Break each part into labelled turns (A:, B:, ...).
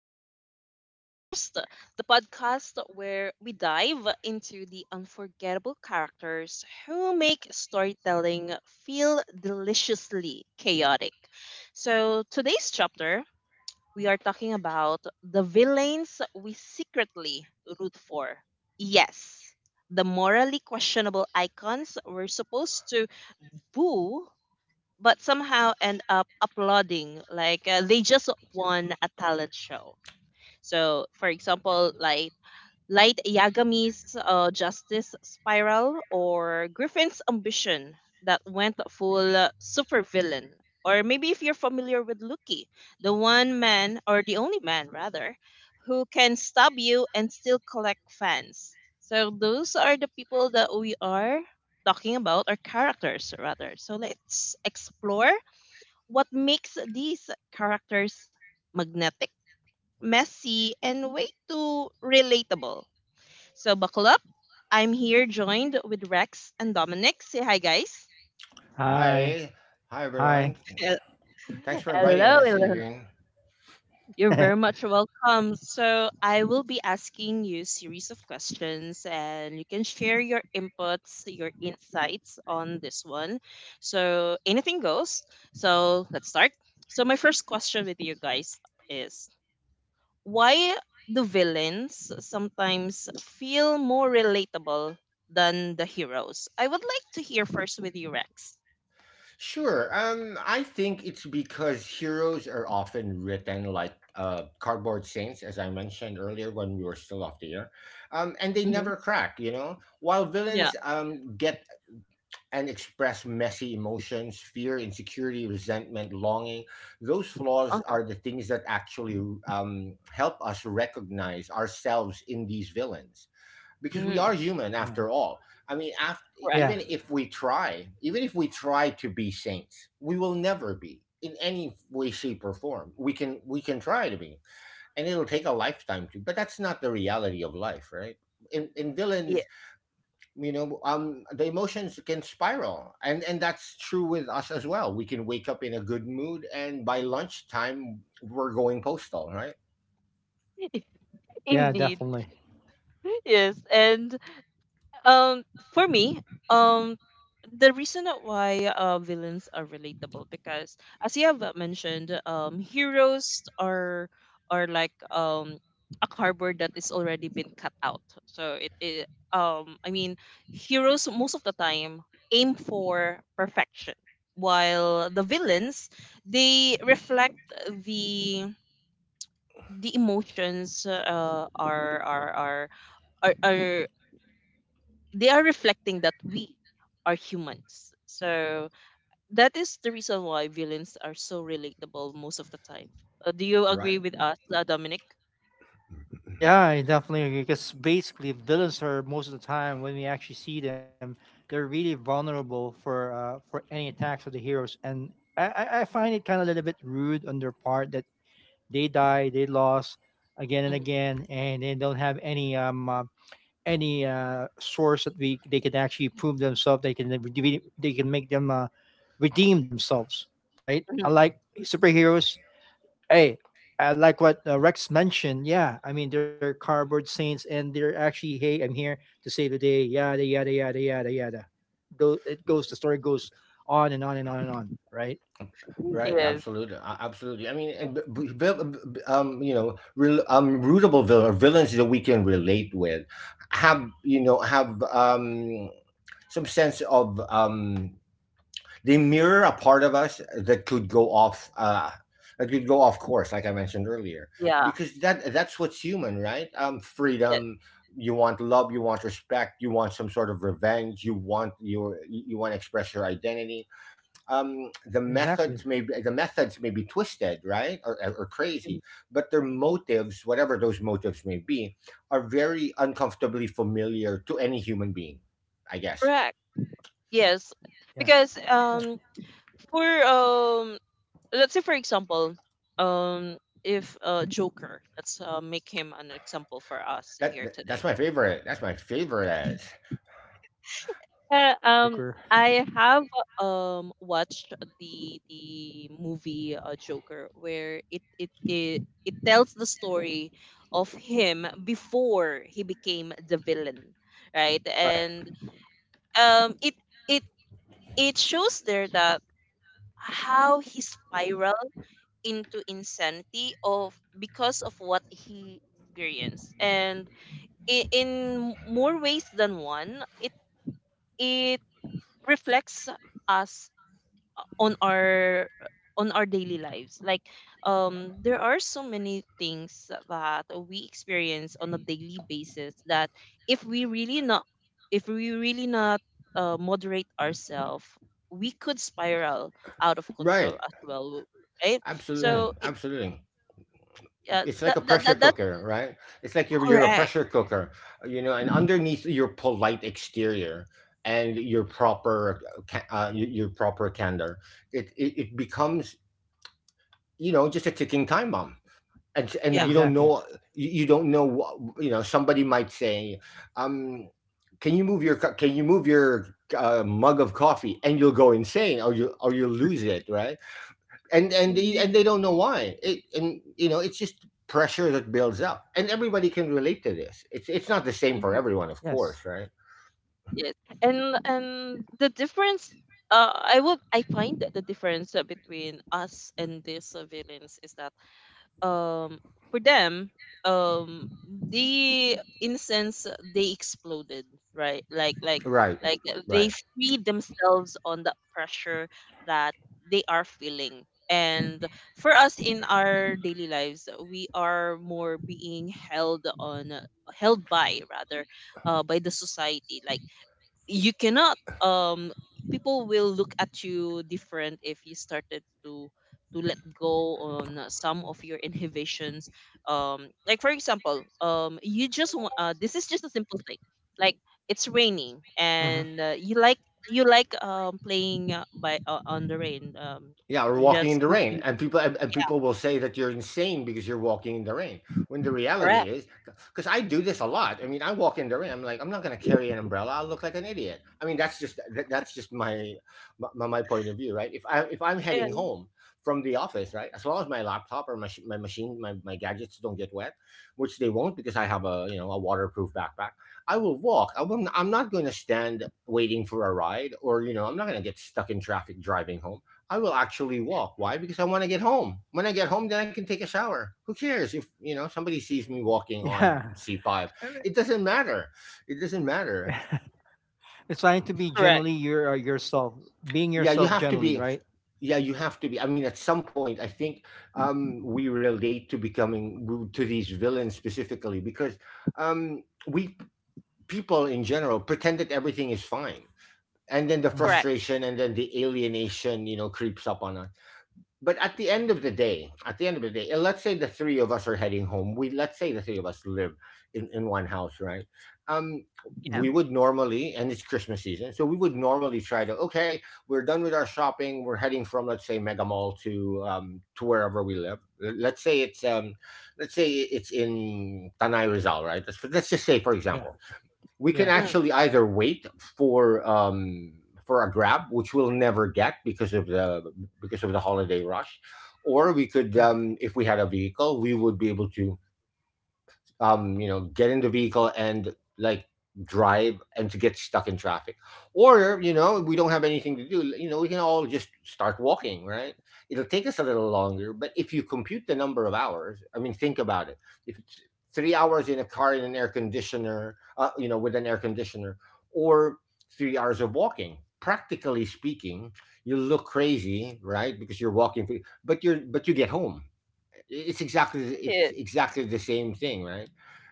A: to Soul Chapters, the podcast where we dive into the unforgettable characters who make storytelling feel deliciously chaotic. So, today's chapter, we are talking about the villains we secretly root for. Yes, the morally questionable icons we're supposed to boo but somehow end up applauding, like they just won a talent show. So, for example, like light yagami's justice spiral, or griffin's ambition that went full supervillain, or maybe if you're familiar with Lucky, the one man, or the only man rather, who can stab you and still collect fans. So those are the people that we are talking about, or characters rather. So let's explore what makes these characters magnetic, messy, and way too relatable. So buckle up. I'm here joined with Rex and Dominic. Say hi, guys.
B: Hi.
C: Hi. Hi,
B: Hi.
C: everyone.
A: Hel-
C: Thanks for inviting
A: Hello,
C: us,
A: hello.
C: Aileen.
A: You're very much welcome. So, I will be asking you series of questions, and you can share your inputs, your insights on this one. So, anything goes. So, let's start. So, my first question with you guys is, why do villains sometimes feel more relatable than the heroes? I would like to hear first with you, Rex.
C: Sure. I think it's because heroes are often written like cardboard saints, as I mentioned earlier when we were still off the air, and they
A: Mm-hmm.
C: never crack. You know, while
A: Yeah.
C: villains get and express messy emotions, fear, insecurity, resentment, longing. Those flaws
A: Uh-huh.
C: are the things that actually help us recognize ourselves in these villains because we are
A: Hmm.
C: human
B: Yeah.
C: after all. I mean, after,
B: Yeah.
A: Correct.
C: even if we try, even if we try to be saints, we will never be in any way, shape, or form. We can try to be, and it'll take a lifetime to. But that's not the reality of life, right? In
A: Yeah.
C: villains, you know, the emotions can spiral, and that's true with us as well. We can wake up in a good mood, and by lunchtime, we're going postal, right?
B: Yeah,
A: Indeed.
B: definitely.
A: Yes. And Um, for me, um, the reason of why villains are relatable because, as you have mentioned, heroes are like a cardboard that is already been cut out. So it I mean, heroes most of the time aim for perfection, while the villains, they reflect the the emotions, are are they are reflecting that we are humans. So that is the reason why villains are so relatable most of the time. Do you agree
C: Right.
A: with us, Dominic?
B: Yeah, I definitely agree. Because basically, villains are most of the time when we actually see them, they're really vulnerable for any attacks of the heroes, and I find it kind of a little bit rude on their part that they die, they lost again and
A: Mm,
B: again, and they don't have any source that we they can actually prove themselves. They can they can make them redeem themselves, right?
A: mhm.
B: Unlike superheroes. Hey, I like what Rex mentioned. Yeah, I mean they're cardboard saints, and they're actually, hey, I'm here to save the day. Yada yada yada yada yada. It goes. The story goes on and on and on and on. Right?
C: Right,
A: Yes.
C: absolutely, absolutely. I mean, and you know, real, rootable villain, or villains that we can relate with, have you know have some sense of they mirror a part of us that could go off that could go off course, like I mentioned earlier,
A: Yeah.
C: because that's what's human, right?
A: Yes.
C: Freedom. You want love. You want respect. You want some sort of revenge. You want to express your identity the methods
B: Exactly.
C: may be, the methods may be twisted, right, or
A: Mhm.
C: crazy, but their motives, whatever those motives may be, are very uncomfortably familiar to any human being. I guess.
A: Correct. Yes.
B: Yeah.
A: Because,
B: Yeah.
A: for, let's say, for example, um if, Joker, let's make him an example for us
C: That,
A: here
C: that's
A: today.
C: my favorite. That's my favorite.
A: Yeah,
B: Wow, Joker.
A: I have watched the the movie, Joker, where it tells the story of him before he became the villain, right?
C: Right.
A: And um it it it shows there that how he spiraled into insanity of because of what he experienced, and in more ways than one, it it reflects us on our on our daily lives. Like, there are so many things that we experience on a daily basis that, if we really not if we really not moderate ourselves, we could spiral out of control
C: Right.
A: as well, right?
B: Yeah.
C: Absolutely.
A: So it,
C: Absolutely. It's like
A: that,
C: a
A: that,
C: pressure
A: that that's
C: cooker, right? It's like you're a
A: correct.
C: pressure cooker, you know, and underneath your polite exterior and your proper your proper candor, it becomes, you know, just a ticking time bomb. And
A: Yeah.
C: you
B: Yeah.
C: don't
B: Exactly.
C: know, you don't know what, you know, somebody might say, um can you move your can you move your mug of coffee, and you'll go insane, or you'll lose it, right? And
A: Indeed.
C: they don't know why it, and you know, it's just pressure that builds up, and everybody can relate to this. It's not the same for
A: Mhm.
C: everyone, of
B: Yes.
C: course, right?
A: Yes, and the difference, I find that the difference, between us and these villains is that, um for them, um the incense, they exploded, right? like like
C: Right.
A: like uh, they
C: Right.
A: feed themselves on the pressure that they are feeling, and for us, in our daily lives, we are more being held by, rather, by the society. Like, you cannot— people will look at you different if you started to let go on some of your inhibitions. um like, for example, this is just a simple thing, like, it's raining
B: Hmm.
A: and, you like— playing, by on the rain,
C: Yeah, or walking
A: just
C: in the rain,
A: looking.
C: and people will say that you're insane because you're walking in the rain. When the
A: Correct.
C: reality is, because I do this a lot. I mean, I walk in the rain. I'm like, I'm not going to carry an umbrella. I'll look like an idiot. I mean, that's just my, my point of view, right? If I'm
A: Yeah.
C: heading home from the office, right, as long as my laptop or my machine, my gadgets don't get wet, which they won't because I have, a you know, a waterproof backpack. I will walk. I will, I'm not going to stand waiting for a ride, or you know, I'm not going to get stuck in traffic driving home. I will actually walk. Why? Because I want to get home. When I get home, then I can take a shower. Who cares if, you know, somebody sees me walking on
B: Yeah.
C: C five?
B: I mean,
C: It doesn't matter. It doesn't matter.
B: it's trying to be
A: Correct.
B: generally yourself, being
C: Yeah, you
B: yourself
C: have to
B: generally,
C: be.
B: right?
C: Yeah, you have to be. I mean, at some point, I think we relate to becoming to these villains specifically because we people in general pretend that everything is fine, and then the
A: Correct.
B: Hmm.
C: frustration and then the alienation, you know, creeps up on us. But at the end of the day, at the end of the day, and let's say the three of us are heading home. We Let's say the three of us live in one house, right? Um,
A: Yeah.
C: we would normally, and it's Christmas season, so we would normally try to, okay, we're done with our shopping. We're heading from, let's say, Mega Mall to wherever we live. L- Let's say it's um, let's say it's in Tanay Rizal, right? Let's just say, for
B: Yeah.
C: example, we can
B: Yeah.
A: Mm.
C: actually either wait for um for a grab, which we'll never get because of the, because of the holiday rush, or we could,
B: Yeah.
C: if we had a vehicle, we would be able to, you know, get in the vehicle and like drive and to get stuck in traffic. Or, you know, we don't have anything to do, you know, we can all just start walking, right? It'll take us a little longer, but if you compute the number of hours, I mean, think about it. If it's 3 hours in a car in an air conditioner, you know, with an air conditioner, or 3 hours of walking, practically speaking, you look crazy, right? Because you're walking through, but you're but you get home, it's
A: It
C: exactly the same thing, right?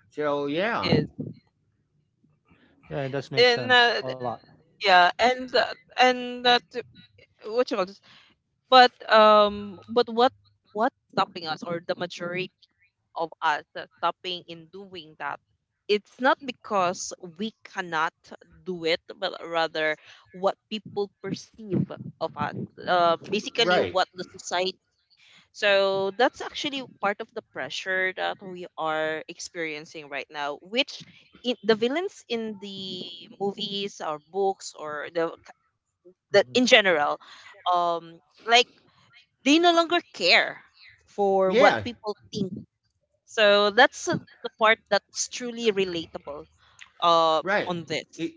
C: So yeah,
A: is.
B: Yeah. It does make
A: And,
B: sense a lot.
A: yeah, and that— what you call it? But what's stopping us, or the majority of us, that's stopping in doing that, it's not because we cannot do it, but rather what people perceive of us, basically
C: right,
A: what the society. So that's actually part of the pressure that we are experiencing right now, which— the villains in the movies or books, or the in
B: Hmm.
A: general, um like, they no longer care for what
C: yeah,
A: people think. So that's the part that's truly relatable uh,
C: right.
A: on this.
C: It,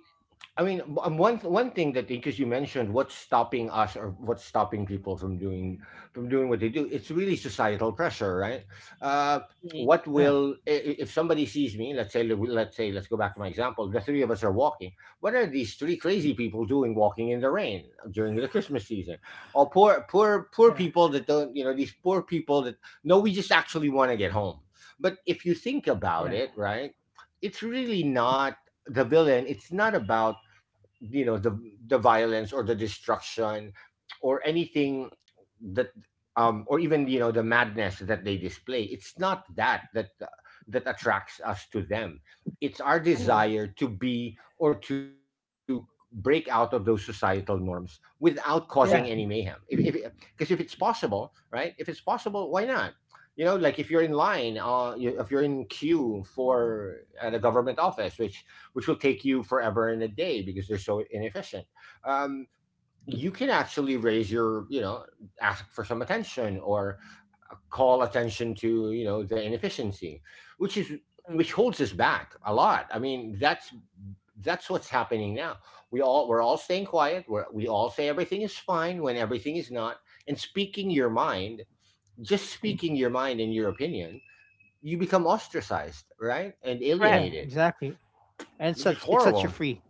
C: I mean, one one thing that, because you mentioned what's stopping us or what's stopping people from doing what they do, it's really societal pressure, right? Uh,
A: Mm.
C: what
B: Yeah.
C: will if somebody sees me? Let's say let's go back to my example. The three of us are walking. What are these three crazy people doing walking in the rain during the Christmas season? Or poor
B: Yeah.
C: people that don't, you know, these poor people that, no, we just actually want to get home. But if you think
B: Yeah.
C: about it, right, it's really not the villain. It's not about, you know, the violence or the destruction or anything that or even, you know, the madness that they display, it's not that that that attracts us to them, it's our
A: Mhm.
C: desire to be or to break out of those societal norms without causing any
B: Yeah,
A: Right.
C: mayhem. If because if it's possible, right, if it's possible, why not, you know, like if you're in line, if you're in queue for at a government office, which will take you forever and a day because they're so inefficient. Um, you can actually raise your, you know, ask for some attention or call attention to, you know, the inefficiency, which is which
A: Mm.
C: holds us back a lot. I mean, that's what's happening now. We're all staying quiet. We all say everything is fine when everything is not. And speaking your mind, just speaking your mind and your opinion, you become ostracized, right, and
A: Correct,
B: yeah,
C: alienated,
B: exactly. And it's
C: which is
B: such it's such a
C: horrible.
B: free.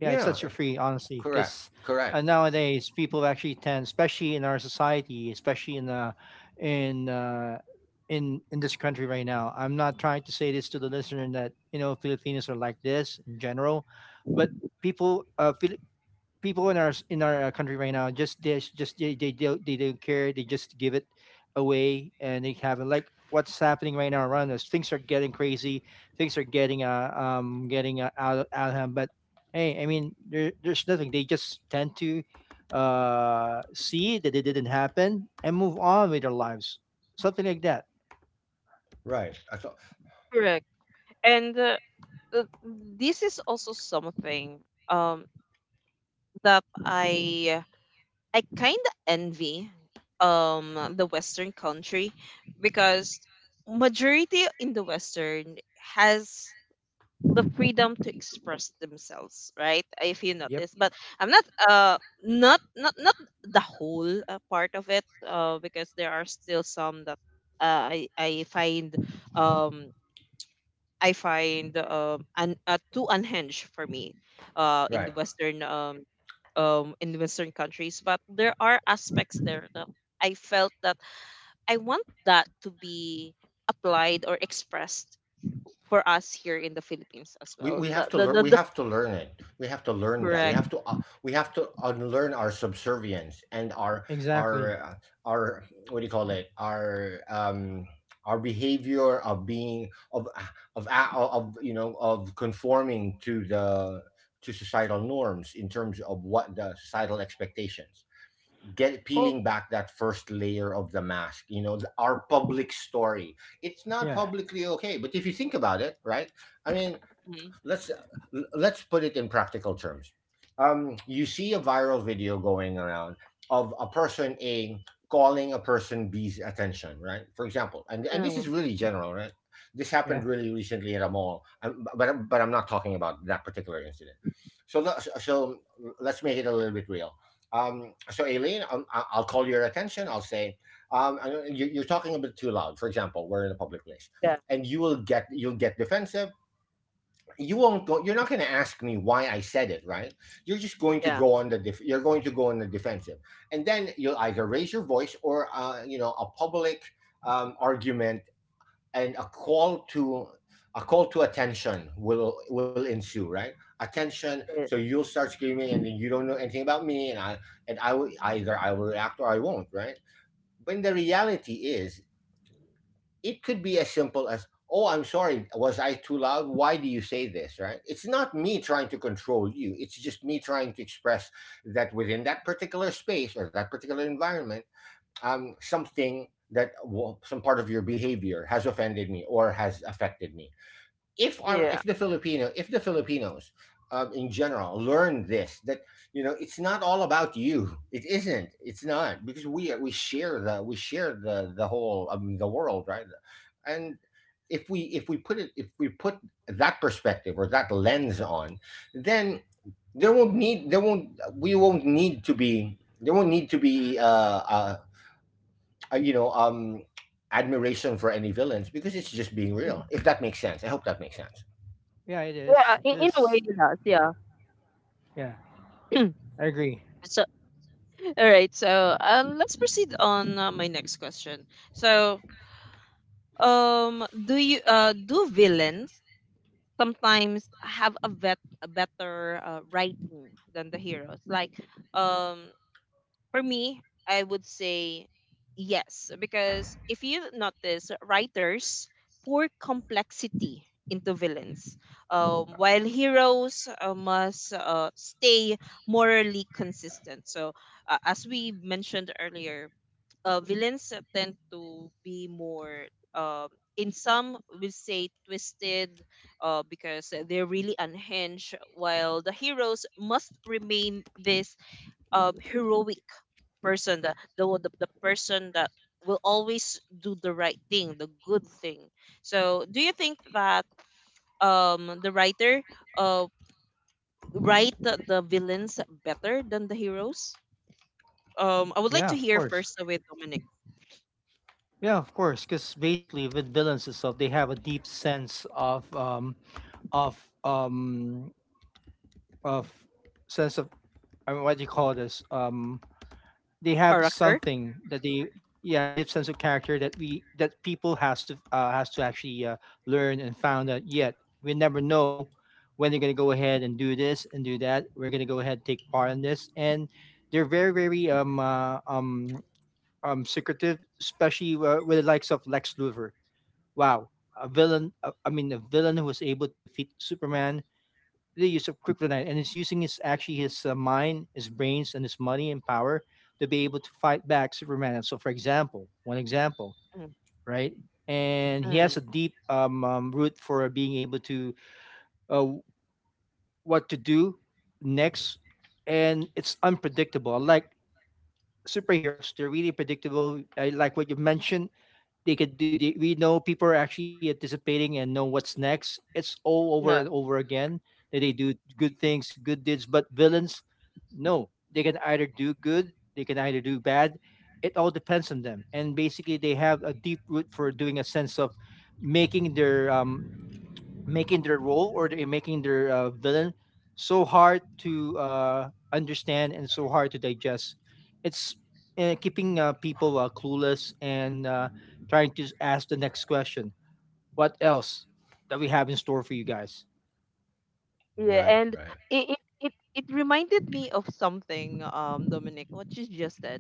B: Yeah, it's
C: Yeah.
B: such a free, honestly,
C: Correct.
B: because
C: Correct.
B: nowadays people actually tend, especially in our society, especially in uh, in this country right now. I'm not trying to say this to the listener that you know Filipinos are like this in general, but people, uh, Fili- people in our country right now, just they don't care. They just give it away, and they haven't like what's happening right now around us. Things are getting crazy. Things are getting out of hand. But hey, I mean, there's nothing. They just tend to see that it didn't happen and move on with their lives. Something like that.
C: Right. I That's right.
A: correct. And uh, this is also something um, that I kind of envy, the Western country, because majority in the Western has the freedom to express themselves, right, if you
B: Yep.
A: notice, but I'm not— not not not the whole part of it, because there are still some that, I find, um too unhinged for me, uh in the western um in the Western countries, but there are aspects there that I felt that I want that to be applied or expressed for us here in the Philippines as well.
C: We have to learn we
A: The
C: have to learn it we have to learn that
A: Correct.
C: we have to unlearn our subservience and our
B: Exactly.
C: our uh, our what do you call it, our behavior of being of of, you know, of conforming to the, to societal norms in terms of what the societal expectations, get peeling
B: Oh
C: back that first layer of the mask, you know, our public story, it's not
B: yeah,
C: publicly okay, but if you think about it, right, I mean,
A: Mhm.
C: let's let's put it in practical terms. You see a viral video going around of a person A calling a person B's attention, right? For example, and this is
A: Mm.
C: really general, right? This happened
B: yeah,
C: really recently at a mall, but I but I'm not talking about that particular incident. So so, let's make it a little bit real. So Aileen, I'll call your attention. I'll say, you're talking a bit too loud. For example, we're in a public place,
A: Yeah.
C: and you'll get defensive. You won't go you're not going to ask me why I said it, right? You're just going to
A: Yeah.
C: go on the you're going to go on the defensive, and then you'll either raise your voice or a public argument, and a call to attention will ensue, right? Attention. So
A: it-
C: you'll start screaming, and then you don't know anything about me, and I will either I will react or I won't, right? When the reality is, it could be as simple as, oh, I'm sorry, was I too loud? Why do you say this? Right? It's not me trying to control you. It's just me trying to express that within that particular space or that particular environment, something that, well, some part of your behavior has offended me or has affected me. if our
A: Yeah.
C: if the Filipino if the Filipinos, in general, learn this, that, you know, it's not all about you. It isn't. It's not, because we we share the whole the world, right? And if we put it if we put that perspective or that lens on, then there won't need there won't we won't need to be— there won't need to be you know admiration for any villains, because it's just being
A: Mm.
C: real. If that makes sense. I hope that makes sense.
B: yeah. It is
A: Yeah. In a way,
B: because
A: it does. Yeah.
B: yeah, I agree.
A: So, all right. So, let's proceed on my next question. So, do villains sometimes have a better writing than the heroes? Like, um, for me, I would say yes, because if you notice, writers pour complexity into villains, while heroes must stay morally consistent. So, as we mentioned earlier, villains tend to be more, uh, in some, we say, twisted. Because they're really unhinged, while the heroes must remain this heroic person, the person that will always do the right thing, the good thing. So, do you think that the writer uh write the villains better than the heroes? I would like
B: Yeah,
A: to
B: of
A: hear
B: course.
A: first with Dominic.
B: Yeah, of course, because basically with villains itself, they have a deep sense of um, of sense of, I mean, what do you call this? They have
A: Character.
B: something that they, yeah, a deep sense of character that people has to actually learn and found out. Yet we never know when they're gonna go ahead and do this and do that. We're gonna go ahead and take part in this, and they're very very secretive, especially with the likes of Lex Luthor. Wow, a villain, I mean, a villain who was able to defeat Superman with the use of kryptonite, and is using his, actually his mind, his brains, and his money and power to be able to fight back Superman. And so, for example, one example,
A: Mm,
B: right? And he
A: mm,
B: has a deep root for being able to, uh, what to do next, and it's unpredictable. Like superheroes, they're really predictable. I like what you mentioned, they could do, they, we know people are actually anticipating and know what's next. It's all over
A: yeah.
B: and over again that they do good things, good deeds. But villains, no, they can either do good, they can either do bad. It all depends on them. And basically they have a deep root for doing a sense of making their um making their role, or they making their villain so hard to understand and so hard to digest. It's keeping people clueless and trying to ask the next question. What else that we have in store for you guys?
A: Yeah,
C: Right,
A: and
C: right,
A: it, it it it reminded me of something, Dominic, what you just said.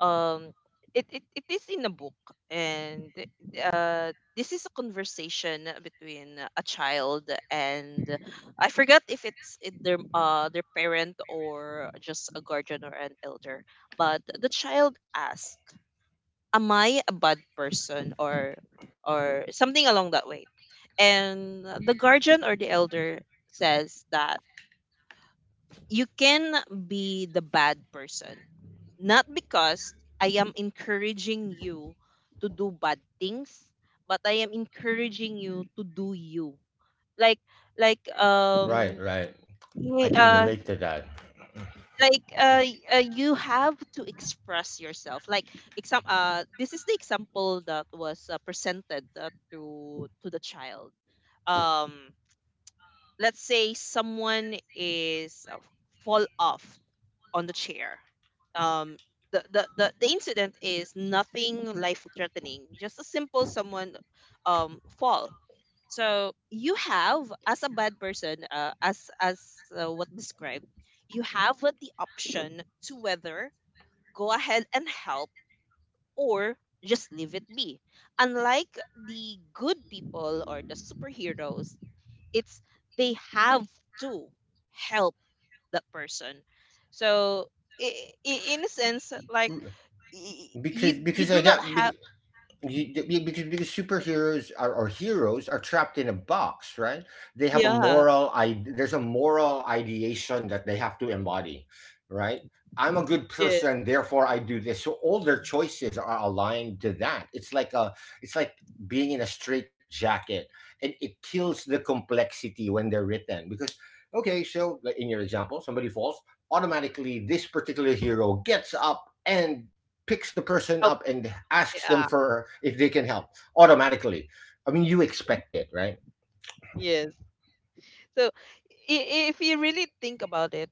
A: Um, it is in a book, and uh, this is a conversation between a child and— I forgot if it's it, their parent, or just a guardian, or an elder, but the child asks, "Am I a bad person?" or something along that way, and the guardian or the elder says that you can be the bad person. Not because I am encouraging you to do bad things, but I am encouraging you to do you. Like like
C: right,
A: um
C: right. I
A: y-
C: can
A: uh
C: relate to that
A: like, you have to express yourself. Like exam This is the example that was presented, to the child. Um let's say someone is fall off on the chair. Um, the incident is nothing life threatening, just a simple someone, fall. So you have, as a bad person— as what described, you have the option to whether go ahead and help, or just leave it be. Unlike the good people or the superheroes, it's they have to help that person. So, in a sense, like, y- you
C: because—
A: you
C: because
A: do
C: I
A: not
C: got
A: have—
C: you, th- because superheroes are, or heroes are, trapped in a box, right? They have a
A: Yeah,
C: moral— I there's a moral ideation that they have to embody, right? I'm a good
A: yeah.
C: person, therefore I do this. So all their choices are aligned to that. It's like a— it's like being in a straight jacket, and it kills the complexity when they're written. Because, okay, so like in your example, somebody falls, automatically this particular hero gets up and picks the person
A: Oh,
C: up and asks them
A: yeah.
C: for if they can help, automatically. I mean, you expect it, right?
A: Yes. So, if you really think about it,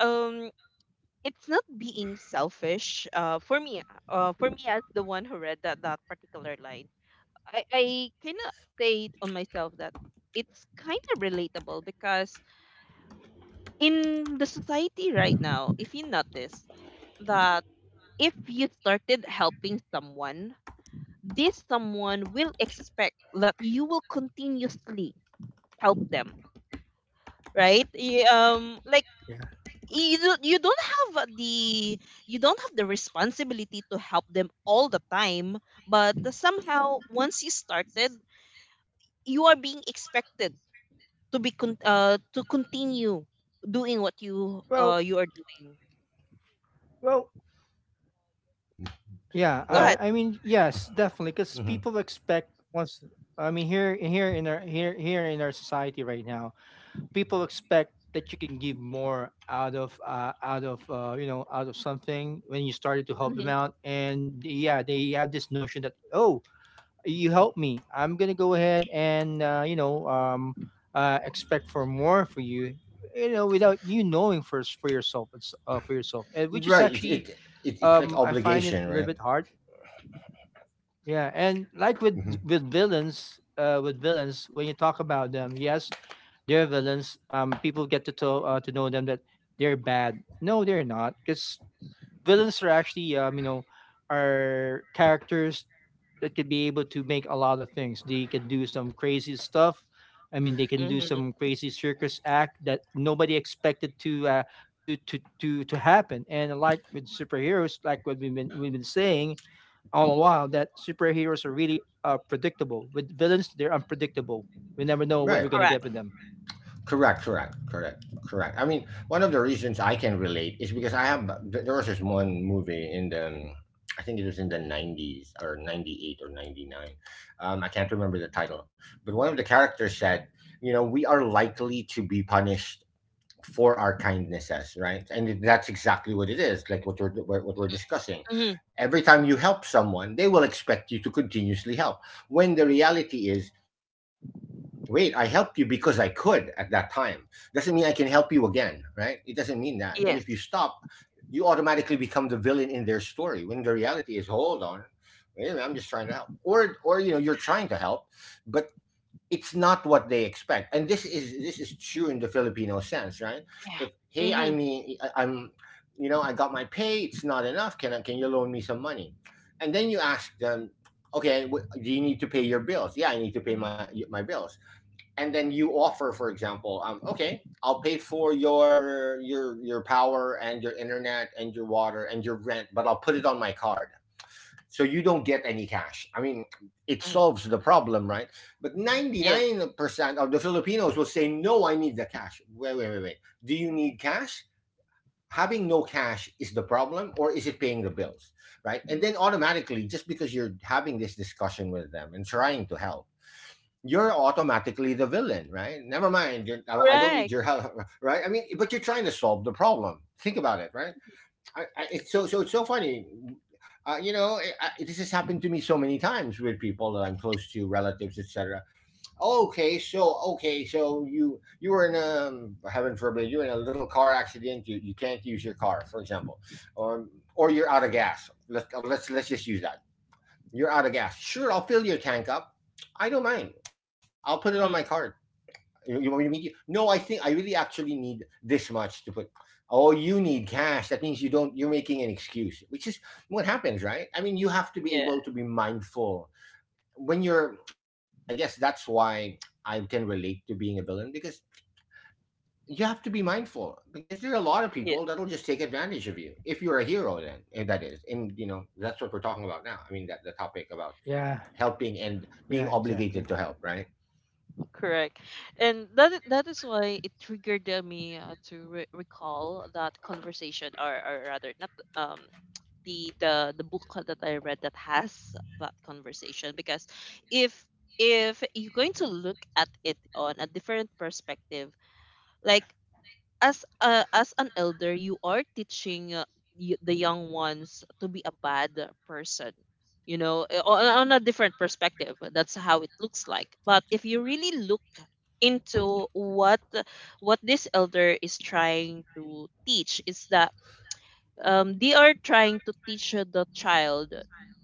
A: um, it's not being selfish. For me, as the one who read that particular line, I cannot say on myself that it's kind of relatable, because in the society right now, if you notice that if you started helping someone, this someone will expect that you will continuously help them, right? Like,
B: Yeah.
A: you don't you don't have the you don't have the responsibility to help them all the time, but somehow once you started, you are being expected to be to continue doing what you
B: Well,
A: uh you are doing.
B: well, yeah.
A: Go
C: Well,
A: ahead.
B: I mean, yes, definitely, because
C: mhm.
B: people expect once. I mean, here in our society right now, people expect that you can give more out of you know out of something when you started to help them out, and yeah they have this notion that, oh, you helped me, I'm gonna go ahead and expect for more for you, you know without you knowing first for yourself. It's for yourself. And which is
C: Right. It,
B: actually,
C: it it's like
B: I find it a
C: obligation,
B: little
C: right?
B: bit hard. Yeah, and like with
C: Hmm.
B: with villains, uh, with villains, when you talk about them, yes, they're villains. People get to to know them that they're bad. No, they're not, because villains are actually, are characters that could be able to make a lot of things. They can do some crazy stuff. I mean, they can do
A: Mm-hmm.
B: some crazy circus act that nobody expected to happen. And like with superheroes, like what we've been saying, all the while that superheroes are really predictable. With villains, they're unpredictable. We never know what
C: Right.
B: we're gonna
A: Correct.
B: get with them.
C: Correct. Correct. Correct. Correct. I mean, one of the reasons I can relate is because I have— there was this one movie in the I think it was in the 90s, or 98 or 99. I can't remember the title, but one of the characters said, "You know, we are likely to be punished for our kindnesses, right?" And that's exactly what it is, like what we're discussing.
A: Mm-hmm.
C: Every time you help someone, they will expect you to continuously help. When the reality is, wait, I helped you because I could at that time. Doesn't mean I can help you again, right? It doesn't mean that. And if you
A: Yes.
C: stop, you automatically become the villain in their story. When the reality is, hold on, wait a minute, I'm just trying to help. Or, you know, you're trying to help, but it's not what they expect. And this is true in the Filipino sense, right? if
A: Yeah.
C: hey i
A: Mm-hmm.
C: mean I- i'm you know, I got my pay, it's not enough, can you loan me some money? And then you ask them, okay, do you need to pay your bills? Yeah, I need to pay my bills. And then you offer, for example, okay, I'll pay for your power and your internet and your water and your rent, but I'll put it on my card, so you don't get any cash. I mean, it
A: Mm-hmm.
C: solves the problem, right? But
A: Yes.
C: 99% of the Filipinos will say, no, I need the cash. Wait, wait, wait, wait. Do you need cash? Having no cash is the problem, or is it paying the bills, right? And then automatically, just because you're having this discussion with them and trying to help, you're automatically the villain, right? Never mind, you're— I don't need
A: Correct.
C: your help, right? I mean, but you're trying to solve the problem. Think about it, right? It's so it's so funny. You know, this has happened to me so many times with people that I'm close to, relatives, etc. Okay, so okay, so you were in a heaven forbid, you're in a little car accident. You can't use your car, for example, or— or you're out of gas. Let's— oh, let's just use that. You're out of gas. Sure, I'll fill your tank up. I don't mind. I'll put it on my card.
A: Mm.
C: You want me to meet you? No, I think I really actually need this much to put. Oh, you need cash. That means you don't. You're making an excuse, which is what happens, right? I mean, you have to be able
A: Yeah.
C: to be mindful when you're— I guess that's why I can relate to being a villain, because you have to be mindful, because there are a lot of
A: Yeah.
C: people that'll just take advantage of you if you're a hero. Then, and that is— and you know, that's what we're talking about now. I mean, that the topic about
B: Yeah,
C: helping and
B: yeah,
C: being
B: exactly.
C: obligated to help, right?
A: Correct. And that is why it triggered me to recall that conversation, or, rather, not um the book that I read that has that conversation, because if if you're going to look at it on a different perspective, like, as an elder, you are teaching, the young ones to be a bad person. You know, on a different perspective, that's how it looks like, but if you really look into what this elder is trying to teach is that, they are trying to teach the child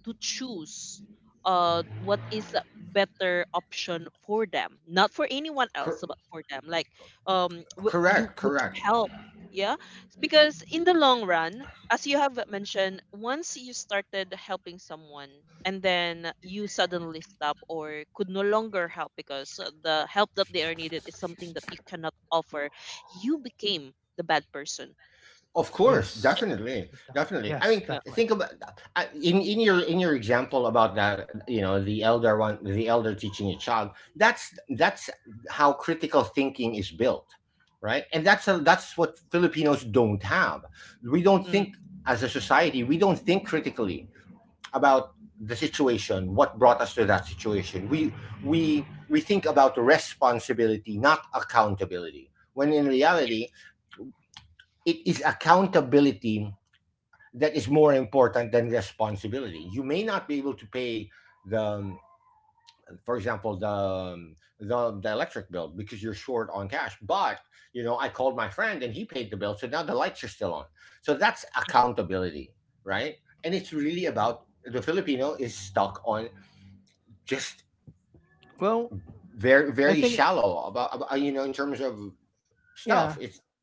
A: to choose, what is a better option for them, not for anyone
C: Cor-
A: else, but for them. Like, w-
C: correct,
A: you would you help? Yeah, because in the long run, as you have mentioned, once you started helping someone, and then you suddenly stop or could no longer help because the help that they are needed is something that you cannot offer, you became the bad person.
C: Of course,
A: So,
B: Yes.
C: definitely,
B: Good God.
C: definitely. I mean,
B: Yes,
A: yeah.
B: definitely.
C: think about— in your example about that. You know, the elder one, the elder teaching a child. That's how critical thinking is built, right? And that's what Filipinos don't have. We don't
A: Mm,
C: think as a society. We don't think critically about the situation. What brought us to that situation? We think about responsibility, not accountability. When in reality, it is accountability that is more important than responsibility. You may not be able to pay the, um, for example, the electric bill because you're short on cash. But, you know, I called my friend and he paid the bill, so now the lights are still on. So that's accountability, right? And it's really about— the Filipino is stuck on just
B: Well,
C: very
B: I
C: very
B: think
C: shallow about, you know, in terms of stuff.
B: yeah,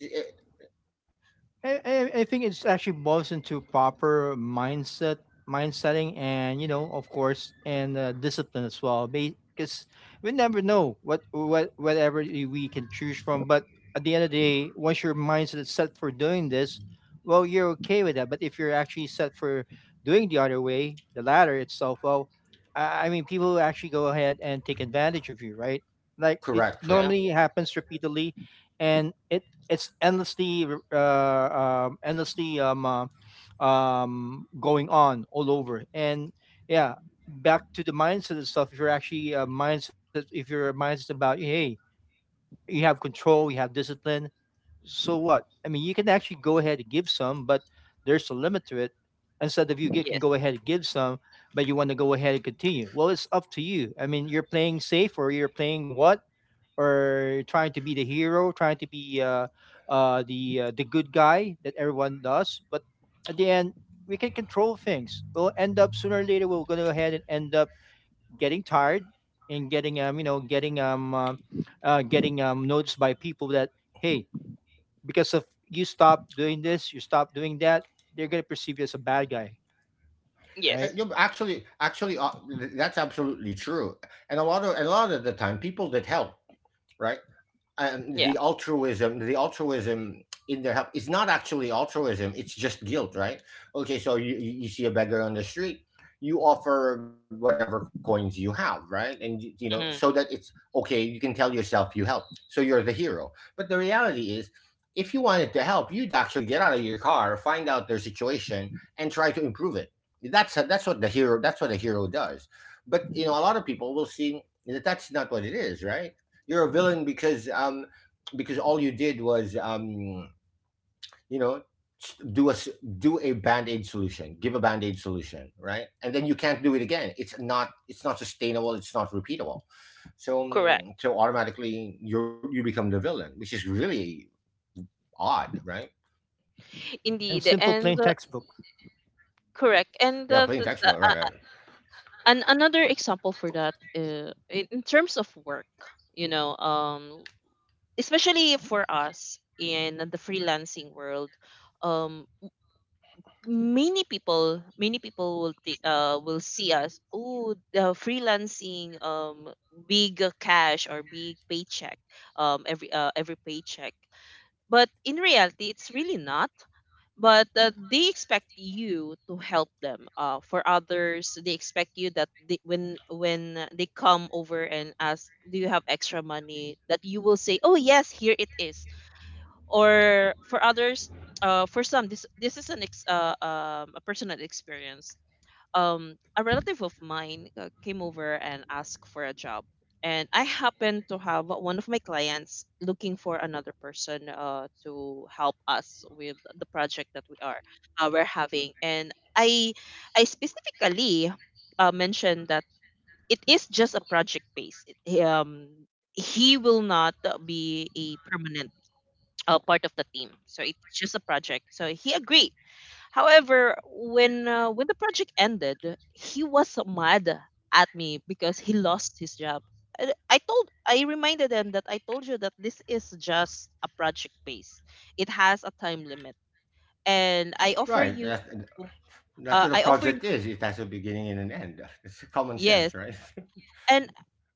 B: I think it's actually boils into proper mindset, mind setting, and, you know, of course, and discipline as well. Because we never know whatever we can choose from. But at the end of the day, once your mindset is set for doing this, well, you're okay with that. But if you're actually set for doing the other way, the latter itself, well, I mean, people will actually go ahead and take advantage of you, right? Like it
C: Correct,
A: yeah.
B: normally happens repeatedly, and it's endlessly going on all over. And yeah, back to the mindset itself, if you're actually a mindset, if you're a mindset about, hey, you have control, you have discipline. So what? I mean, you can actually go ahead and give some, but there's a limit to it. Instead of you can
A: Yes,
B: go ahead and give some, but you want to go ahead and continue. Well, it's up to you. I mean, you're playing safe, or you're playing what, or trying to be the hero, trying to be the good guy that everyone does. But at the end, we can control things. We'll end up sooner or later. We're going to go ahead and end up getting tired and getting noticed by people that, hey, because of you stop doing this, you stop doing that, they're gonna perceive you as a bad guy,
A: yes,
B: right?
C: Yeah, but actually, that's absolutely true. And a lot of the time, people that help, right? um,
A: yeah,
C: the altruism the altruism in their help is not actually altruism, it's just guilt, right? Okay, so you see a beggar on the street, you offer whatever coins you have, right? And you know, so that
A: mhm,
C: it's okay, you can tell yourself you helped, so you're the hero. But the reality is, if you wanted to help, you'd actually get out of your car, find out their situation, and try to improve it. That's what a hero does. But, you know, a lot of people will see that that's not what it is, right? You're a villain, because all you did was, you know, do a band-aid solution, give a band-aid solution, right? And then you can't do it again. It's not, it's not sustainable, it's not repeatable. So
A: correct.
C: so automatically you, you become the villain, which is really odd, right?
B: And
A: Indeed,
B: simple
A: and
B: plain textbook.
C: Yeah,
A: correct.
C: plain text
A: And
C: about, right, right.
A: another example for that, in terms of work, you know, especially for us in the freelancing world, um, many people will see us, oh, the freelancing, big cash or big paycheck, every paycheck. But in reality, it's really not, but they expect you to help them for others they expect you that when they come over and ask, do you have extra money that you will say, oh, yes, here it is. Or for others, for some, this is a personal experience. Um, a relative of mine came over and asked for a job. And I happened to have one of my clients looking for another person to help us with the project that we're having. And I specifically mentioned that it is just a project base. He will not be a permanent part of the team, so it's just a project. So he agreed. However, when the project ended, he was mad at me because he lost his job. I reminded him that I told you that this is just a project base. It has a time limit, and
C: Right. That's what a
A: I offer you.
C: project is. It has a beginning and an end. It's common
A: Yes,
C: sense, right?
A: and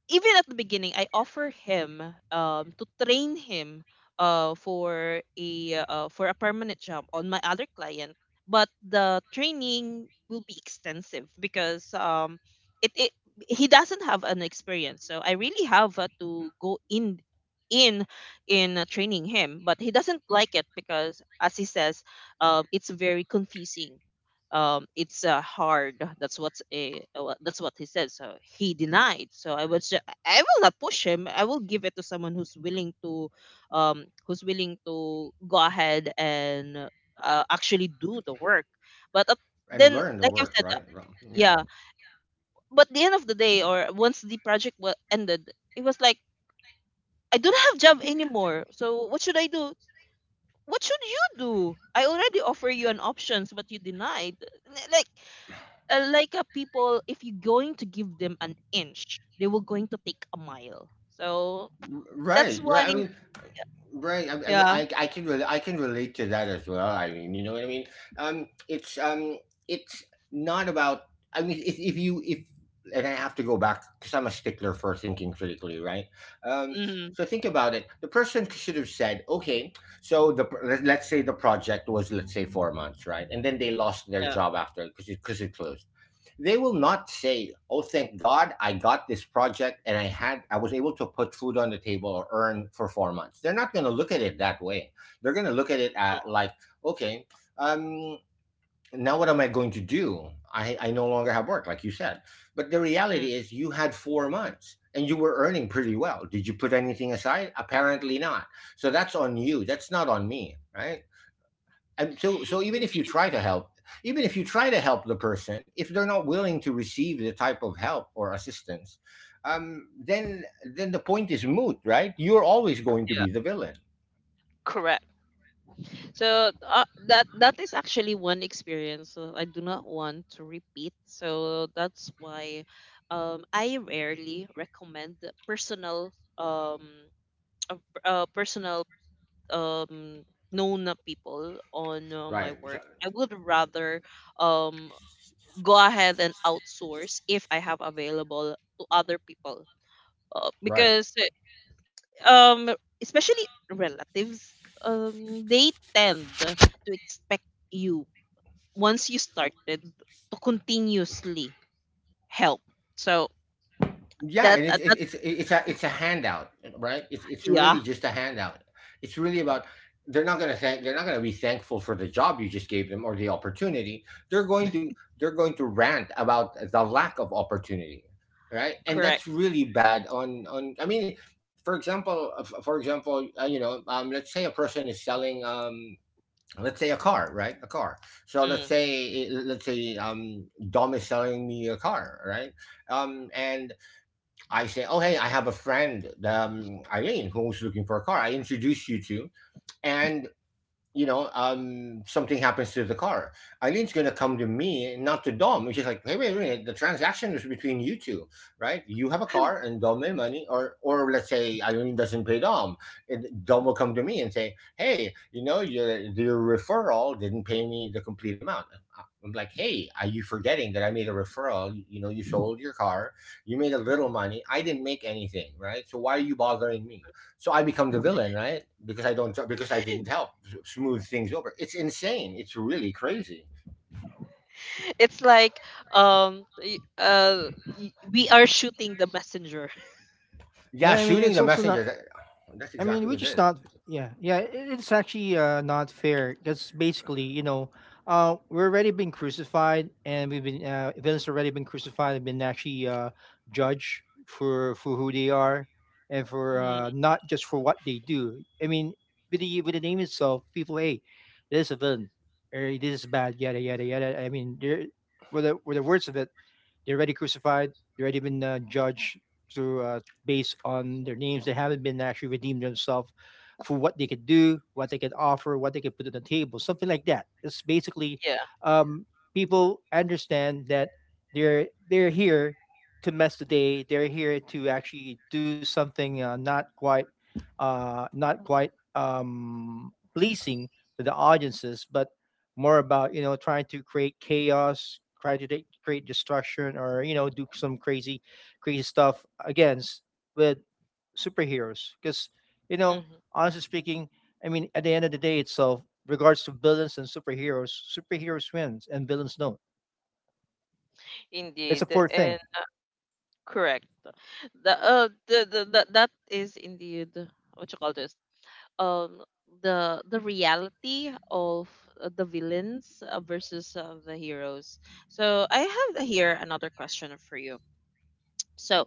A: even at the beginning, I offer him to train him uh for a for a permanent job on my other client, but the training will be extensive because it, it he doesn't have an experience, so I really have to go in in training him, but he doesn't like it because as he says, it's very confusing. Um, it's hard. That's what he said. So he denied. I will not push him. I will give it to someone who's willing to go ahead and actually do the work. But up, then,
C: And learn to
A: like I've
C: work,
A: said,
C: right?
A: yeah.
C: Yeah.
A: But the end of the day, or once the project was ended, it was like, I don't have job anymore. So what should I do? What should you do? I already offer you an options, but you denied. N- Like, People, if you're going to give them an inch, they were going to take a mile. So that's
C: Right,
A: why.
C: right, I mean. Right. I, I mean,
A: Yeah.
C: I, I can really— I can relate to that as well. I mean, you know what I mean. Um, it's um, it's not about— I mean, if you if and I have to go back because I'm a stickler for thinking critically, right? Um,
A: Mm.
C: so think about it. The person should have said, okay, so the let's say the project was, let's say, 4 months, right, and then they lost their
A: Yeah.
C: job after, because it closed. They will not say, oh, thank god, I got this project, and I was able to put food on the table, or earn for 4 months. They're not going to look at it that way. They're going to look at it
A: No.
C: at like, okay, um now what am I going to do? I no longer have work, like you said. But the
A: Mm,
C: reality is, you had 4 months, and you were earning pretty well. Did you put anything aside? Apparently not. So that's on you, that's not on me, right? And so even if
A: mm,
C: you try to help, the person, if they're not willing to receive the type of help or assistance, then, the point is moot, right? You're always going to
A: yeah.
C: be the villain.
A: Correct. So that is actually one experience that I do not want to repeat. So that's why, I rarely recommend personal um personal um known people on my
C: Right.
A: work.
C: So—
A: I would rather um go ahead and outsource if I have available to other people
C: right.
A: because um especially relatives they tend to expect you once you started to continuously help. So
C: Yeah,
A: that
C: and it's it's
A: that
C: it's it's a it's a handout, right? It's
A: yeah.
C: really just a handout. It's really about— they're not going to thank— they're not going to be thankful for the job you just gave them or the opportunity. they're going to they're going to rant about the lack of opportunity, right? And
A: Correct.
C: that's really bad on— I mean, for example, for example, you know, let's say a person is selling, let's say a car, right, a car. So let's
A: Mm.
C: say, Dom is selling me a car, right? And I say, oh, hey, I have a friend, Eileen, who's looking for a car. I introduce you to, and, you know, something happens to the car. Eileen's gonna come to me, not to Dom. She's like, hey, wait, wait, the transaction is between you two, right? You have a car, and Dom made money, or— or let's say Eileen doesn't pay Dom, and Dom will come to me and say, hey, you know, your referral didn't pay me the complete amount. I'm like, hey, are you forgetting that I made a referral? You sold your car, you made a little money, I didn't make anything, right? So why are you bothering me? So I become the villain, right? Because I didn't help smooth things over. It's insane. It's really crazy.
A: It's like, we are shooting the messenger.
C: Yeah,
B: Yeah, I mean
C: shooting
B: it's
C: the
B: also
C: messenger.
B: not,
C: That's
B: I mean,
C: exactly
B: which
C: what it
B: is
C: is.
B: not, yeah, yeah, it's actually not fair, because basically, you know, we're already being crucified, and we've been villains already been crucified and been actually judged for who they are, and for
A: Mm,
B: not just for what they do. I mean, with the name itself, people, hey, this is a villain, or this is bad, yada yada yada. I mean, there were the words of it. They're already crucified. They're already been judged through based on their names. They haven't been actually redeemed themselves for what they could do, what they can offer, what they can put on the table, something like that. It's basically,
A: yeah,
B: um, people understand that they're here to mess the day. They're here to actually do something, not quite pleasing to the audiences, but more about, trying to create chaos, try to create destruction, or do some crazy crazy stuff against with superheroes, because, you know
A: mhm,
B: honestly speaking, I mean, at the end of the day itself, regards to villains and superheroes wins and villains don't. It's
A: indeed,
B: a poor thing.
A: and correct. The That is indeed what you call this, um the reality of the villains versus the heroes. So I have here another question for you. So,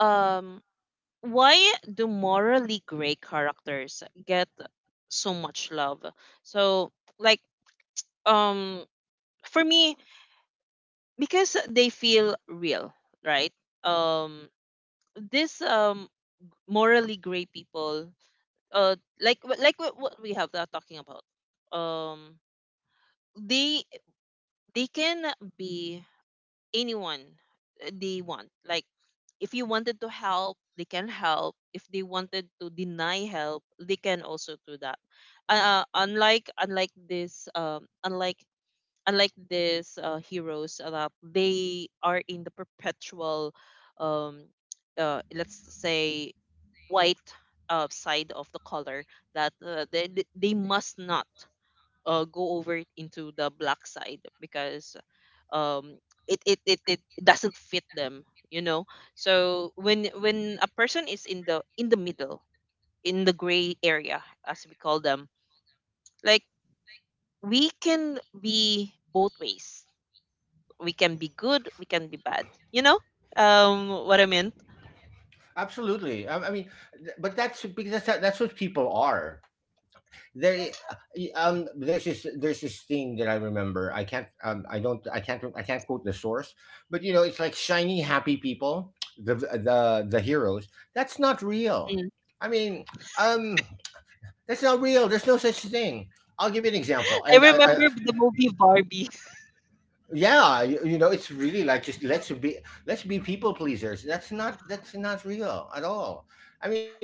A: um why do morally gray characters get so much love? So, like, um for me, because they feel real, right? Um this, morally gray people, uh like, what we have talking about, um they they can be anyone they want. Like, if you wanted to help, they can help. If they wanted to deny help, they can also do that. Unlike this heroes that they are in the perpetual, um let's say, white side of the color, that they must not go over into the black side because um it doesn't fit them, you know. So when a person is in the middle, in the gray area, as we call them, like, we can be both ways, we can be good, we can be bad, you know. What I meant
C: Absolutely. I mean, but that's because that's what people are. They there's this thing that I remember. I can't I don't I can't quote the source, but you know it's like shiny happy people, the heroes. That's not real.
A: Mm.
C: I mean, um that's not real. There's no such thing. I'll give you an example,
A: I
C: and
A: remember the movie Barbie.
C: you know it's really like just let's be people pleasers. That's not real at all. I mean,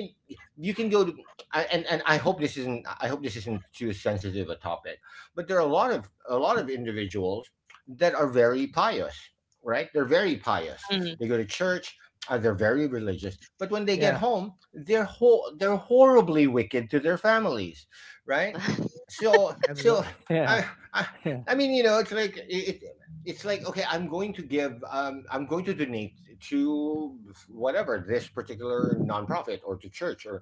C: you can go to and I hope this isn't too sensitive a topic, but there are a lot of individuals that are very pious, right? They're very pious,
A: Mm,
C: they go to church. They're very religious, but when they get
B: Yeah,
C: home they're horribly wicked to their families, right? so so
B: absolutely. Yeah.
C: i i
B: Yeah.
C: I mean, you know, it's like, okay, I'm going to give I'm going to donate to whatever this particular nonprofit or to church,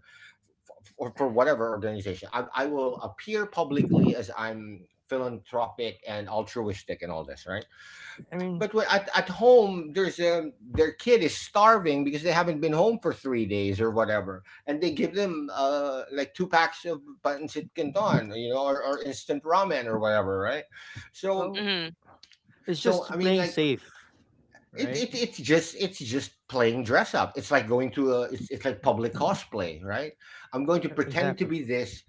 C: or for whatever organization. I will appear publicly as I'm philanthropic and altruistic and all this, right?
B: I mean,
C: But at home there's a, their kid is starving because they haven't been home for 3 days or whatever, and they give them like two packs of pancit canton, you know, or instant ramen or whatever, right? So
B: well,
A: mhm.
B: it's
C: so
B: just
C: i mean
B: playing
C: like
B: safe,
C: it,
B: right?
C: it's just playing dress up. It's like going to a, it's like public cosplay, right?
B: Yeah,
C: I'm going to
B: exactly.
C: pretend to be this,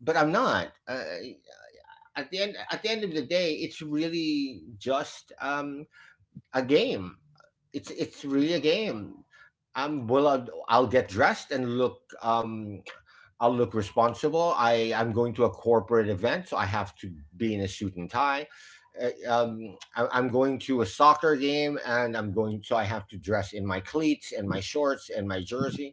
C: but I'm not. At the end of the day, it's really just a game. It's really a game. Well, I'll get dressed and look I'll look responsible. I'm going to a corporate event, so I have to be in a suit and tie. Uh, Um, I'm going to a soccer game, and I'm going, so I have to dress in my cleats and my shorts and my jersey.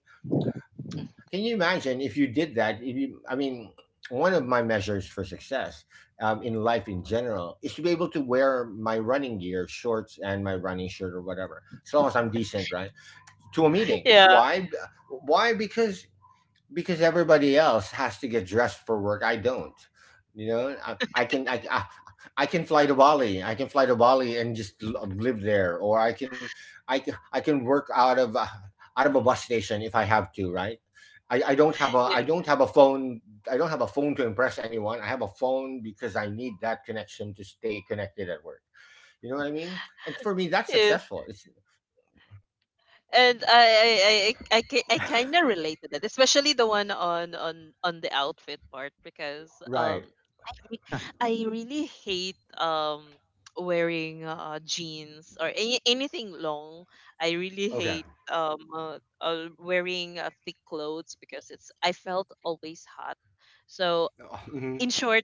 C: Can you imagine if you did that? If you, I mean, one of my measures for success in life in general is to be able to wear my running gear, shorts, and my running shirt or whatever, as long as I'm decent, right? To a meeting.
A: Yeah,
C: Why? Why? Because everybody else has to get dressed for work. I don't. You know, I can fly to Bali. I can fly to Bali and just live there, or I can work out of a bus station if I have to. Right. I
A: y-
C: don't have a phone, I don't have a phone to impress anyone. I have a phone because I need that connection to stay connected at work. You know what I mean? And for me, that's
A: yes,
C: successful. It's
A: and I kind of relate to that, especially the one on the outfit part, because
C: right.
B: Yeah.
A: I really hate wearing jeans or anything long. I really
C: Okay.
A: hate wearing thick clothes because it's, I felt always hot. So in short,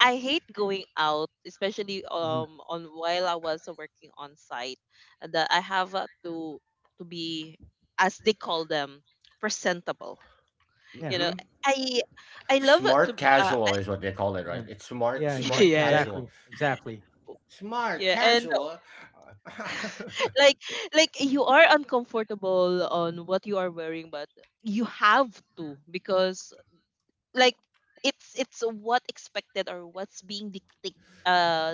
A: I hate going out, especially
B: Hmm.
A: on while I was working on site, and that I have to be, as they call them, presentable.
B: Yeah,
A: You know,
C: Hmm.
A: I I love to
C: Smart
A: be,
C: casual is what they call it,
B: yeah,
C: right? It's
B: yeah. Exactly,
C: smart
A: yeah.
C: casual,
B: exactly, exactly.
C: smart
A: Yeah, and,
C: casual. Uh,
A: like, you are uncomfortable on what you are wearing, but you have to, because, like, it's what expected or what's being uh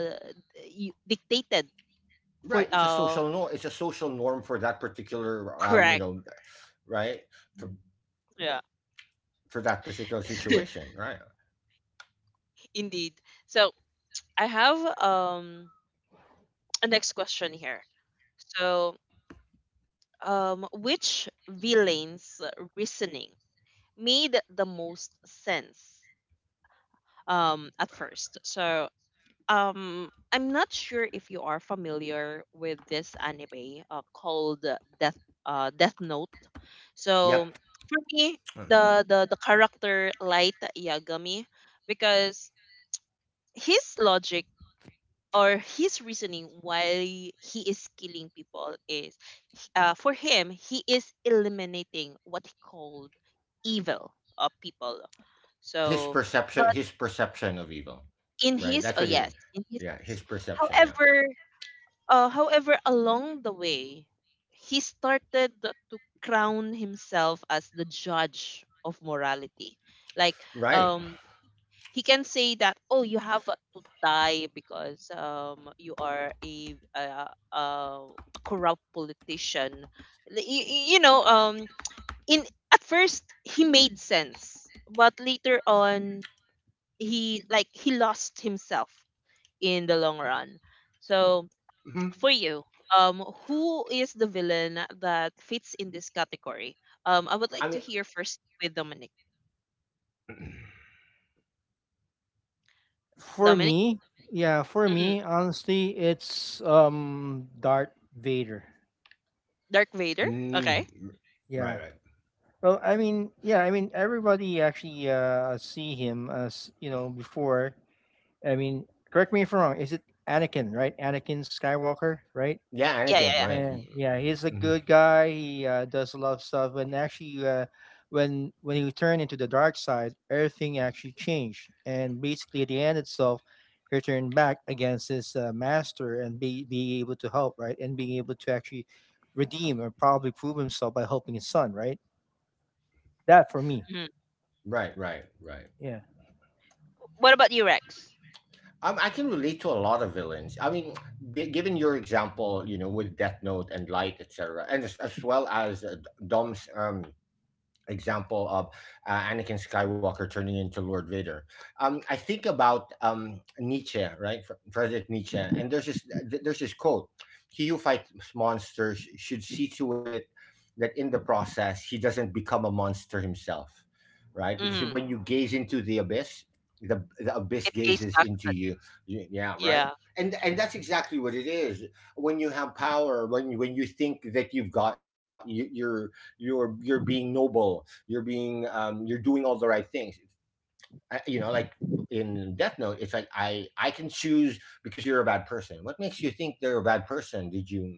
A: dictated for,
C: right, it's a social norm. It's a social norm for that particular, you
A: correct,
C: know, right, for,
A: yeah.
C: for that particular situation, right?
A: Indeed. So I have, a next question here. So, which villain's reasoning made the most sense, at first? So, I'm not sure if you are familiar with this anime called, Death Note. So
C: Yep,
A: for me, the character Light Yagami, because his logic or his reasoning why he is killing people is, for him, he is eliminating what he called evil of people. So. But
C: his perception of evil,
A: in
C: right?
A: his,
C: That's
A: oh
C: what it
A: yes,
C: is.
A: in his.
C: Yeah, his perception. Yeah,
A: However, along the way, he started to crown himself as the judge of morality. Like,
C: right.
A: um, he can say that, oh, you have to die because, you are a corrupt politician. You, you know, in At first he made sense, but later on, he lost himself in the long run. So
C: Hmm.
A: for you, who is the villain that fits in this category? I would
C: I
A: like to
C: mean,
A: hear first with Dominic.
B: For
A: Dominic?
B: me, yeah, for
A: Mm.
B: me, honestly, it's Darth Vader.
A: Dark Vader.
C: mm,
A: Okay.
B: Yeah.
C: right.
B: Well, I mean, yeah, I mean, everybody actually see him as, before. I mean, correct me if I'm wrong. Is it Anakin, right? Anakin Skywalker, right?
C: Yeah,
A: Yeah, yeah,
C: Anakin.
A: yeah.
C: Right.
B: And yeah, he's a
C: Mhm.
B: good guy. He does a lot of stuff. And actually, when he turned into the dark side, everything actually changed. And basically, at the end itself, he turned back against his master and be being able to help, right? And being able to actually redeem or probably prove himself by helping his son, right? That for me,
A: Mhm.
C: Right.
B: yeah.
A: What about you, Rex?
C: I can relate to a lot of villains. I mean, given your example, you know, with Death Note and Light, etc., and as well as Dom's example of Anakin Skywalker turning into Lord Vader. I think about Nietzsche, right? Friedrich Nietzsche, and there's this quote: "He who fights monsters should see to it that in the process he doesn't become a monster himself, right? Because
A: Mm-hmm.
C: when you gaze into the abyss, the abyss
A: It goes
C: gazes
A: back.
C: into you. Yeah, right."
A: Yeah.
C: And that's exactly what it is. When you have power, when you think that you're you're being noble, you're being you're doing all the right things. You know, like in Death Note, it's like I can choose because you're a bad person. What makes you think they're a bad person? Did you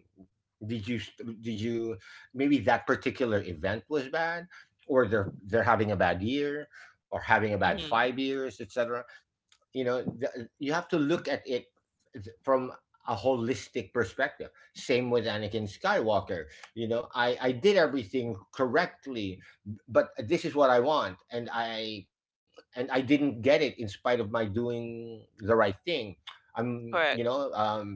C: did you did you Maybe that particular event was bad, or they're having a bad year, or having a bad
A: Mm-hmm.
C: 5 years, etc. You know, you have to look at it from a holistic perspective. Same with Anakin Skywalker. You know, I did everything correctly, but this is what I want, and I didn't get it in spite of my doing the right thing. I'm you
A: Correct.
C: know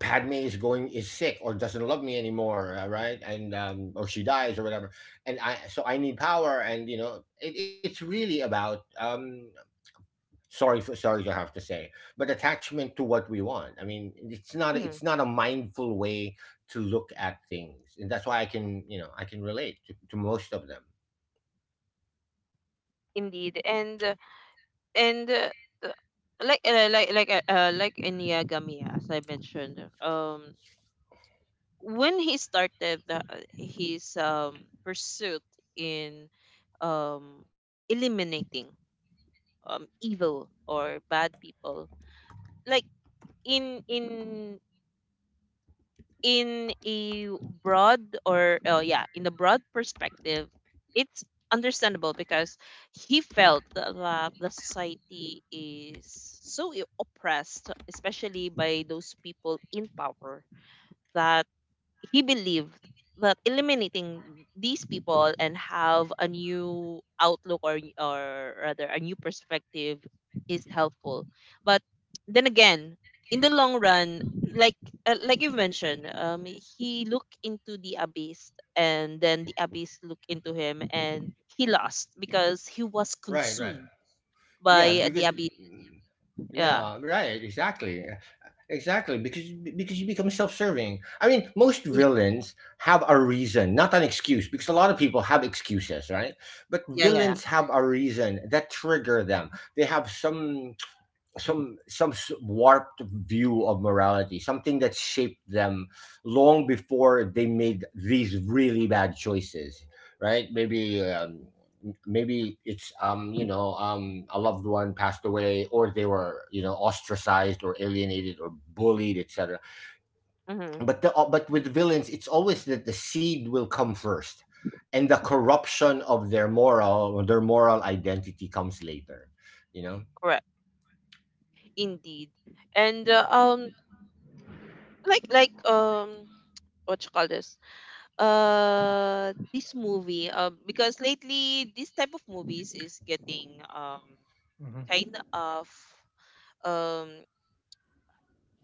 C: Padme is going is sick or doesn't love me anymore, right, and or she dies or whatever, and I need power. And you know, it's really about, sorry to have to say, but attachment to what we want. I mean, it's
A: Mhm.
C: not a mindful way to look at things, and that's why I can, you know, I can relate to most of them.
A: Indeed, and uh, like in Yagami, as I mentioned, when he started his pursuit in, um, eliminating, evil or bad people, like, in in in a broad, or oh yeah, in a broad perspective, it's understandable because he felt that, the society is so oppressed, especially by those people in power, that he believed that eliminating these people and have a new outlook or rather a new perspective is helpful. But then again, in the long run, like, you mentioned, he looked into the abyss, and then the abyss looked into him, and he lost because he was
C: Right, right.
A: consumed
C: Yeah,
A: by the
C: because
A: abyss. Yeah,
C: yeah right, exactly. Exactly, because you become self-serving. I mean, most
A: yeah,
C: villains have a reason, not an excuse, because a lot of people have excuses, right? But
A: yeah, yeah.
C: villains have a reason that trigger them. They have some warped view of morality, something that shaped them long before they made these really bad choices, right? Maybe it's you know, a loved one passed away, or they were, you know, ostracized or alienated or bullied, etc.
A: Mm-hmm.
C: But the but with villains it's always that the seed will come first, and the corruption of their moral identity comes later, you know.
A: Correct. Indeed. And, like, what you call this, this movie, because lately this type of movies is getting,
B: Hmm.
A: kind of, um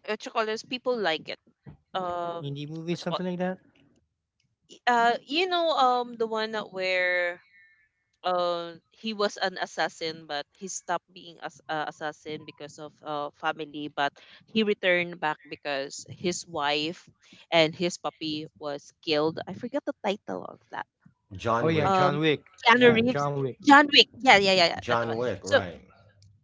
A: what you call this, people like it. Um
B: Indie movie,
A: what you call
B: something like that.
A: The one that where, he was an assassin but he stopped being as assassin because of family, but he returned back because his wife and his puppy was killed. I forgot the title of that.
B: Oh
C: John
B: yeah,
C: Wick.
B: John
A: um
B: Wick.
A: Keanu
B: Yeah,
A: Reeves.
B: John Wick.
A: John Wick. Yeah, yeah, yeah, yeah. That's the
C: John
A: one.
C: Wick,
A: So
C: right?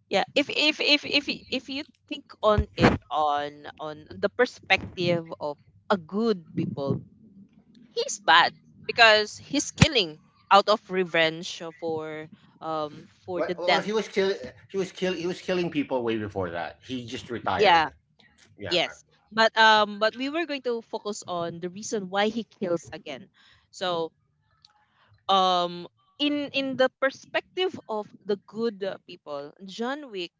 A: yeah, if you think on it on the perspective of a good people, he's bad because he's killing out of revenge for, for
C: Well,
A: the death.
C: he was killing people way before that. He just retired.
A: Yeah,
C: Yeah,
A: yes. But we were going to focus on the reason why he kills again. So, um in the perspective of the good people, John Wick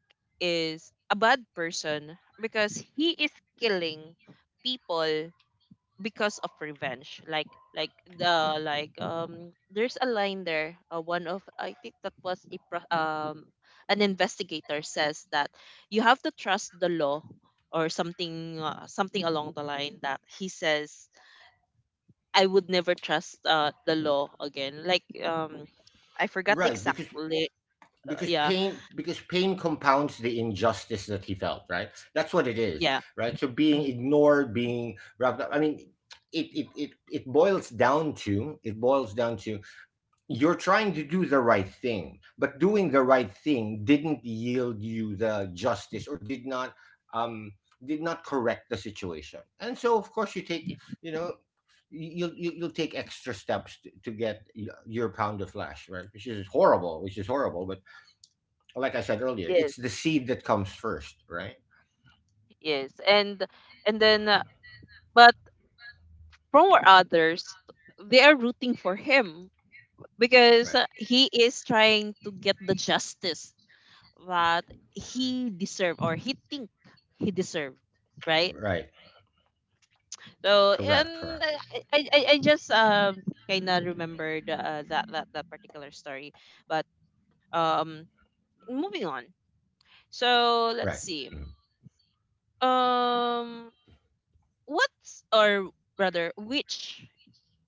A: is a bad person because he is killing people because of revenge. Like, like the like um there's a line there, one of, I think that was a an investigator says that you have to trust the law or something, something along the line that he says, I would never trust the law again. Like, I forgot the
C: right.
A: exact
C: Because
A: yeah,
C: pain compounds the injustice that he felt. Right. That's what it is.
A: yeah,
C: Right. So
A: mm,
C: being ignored, being wrapped up. I mean, it boils down to, you're trying to do the right thing, but doing the right thing didn't yield you the justice, or um did not correct the situation. And so of course you take, you know, you'll take extra steps to get your pound of flesh, right? Which is horrible, but like I said earlier,
A: yes,
C: it's the seed that comes first, right?
A: yes. And then, but from our others, they are rooting for him because,
C: Right.
A: he is trying to get the justice that he deserved or he think he deserved, right.
C: Right.
A: So. And
C: Correct, correct.
A: I just, kind of remembered, that particular story. But um Moving on. So
C: Right.
A: let's see. Um, what's or rather, which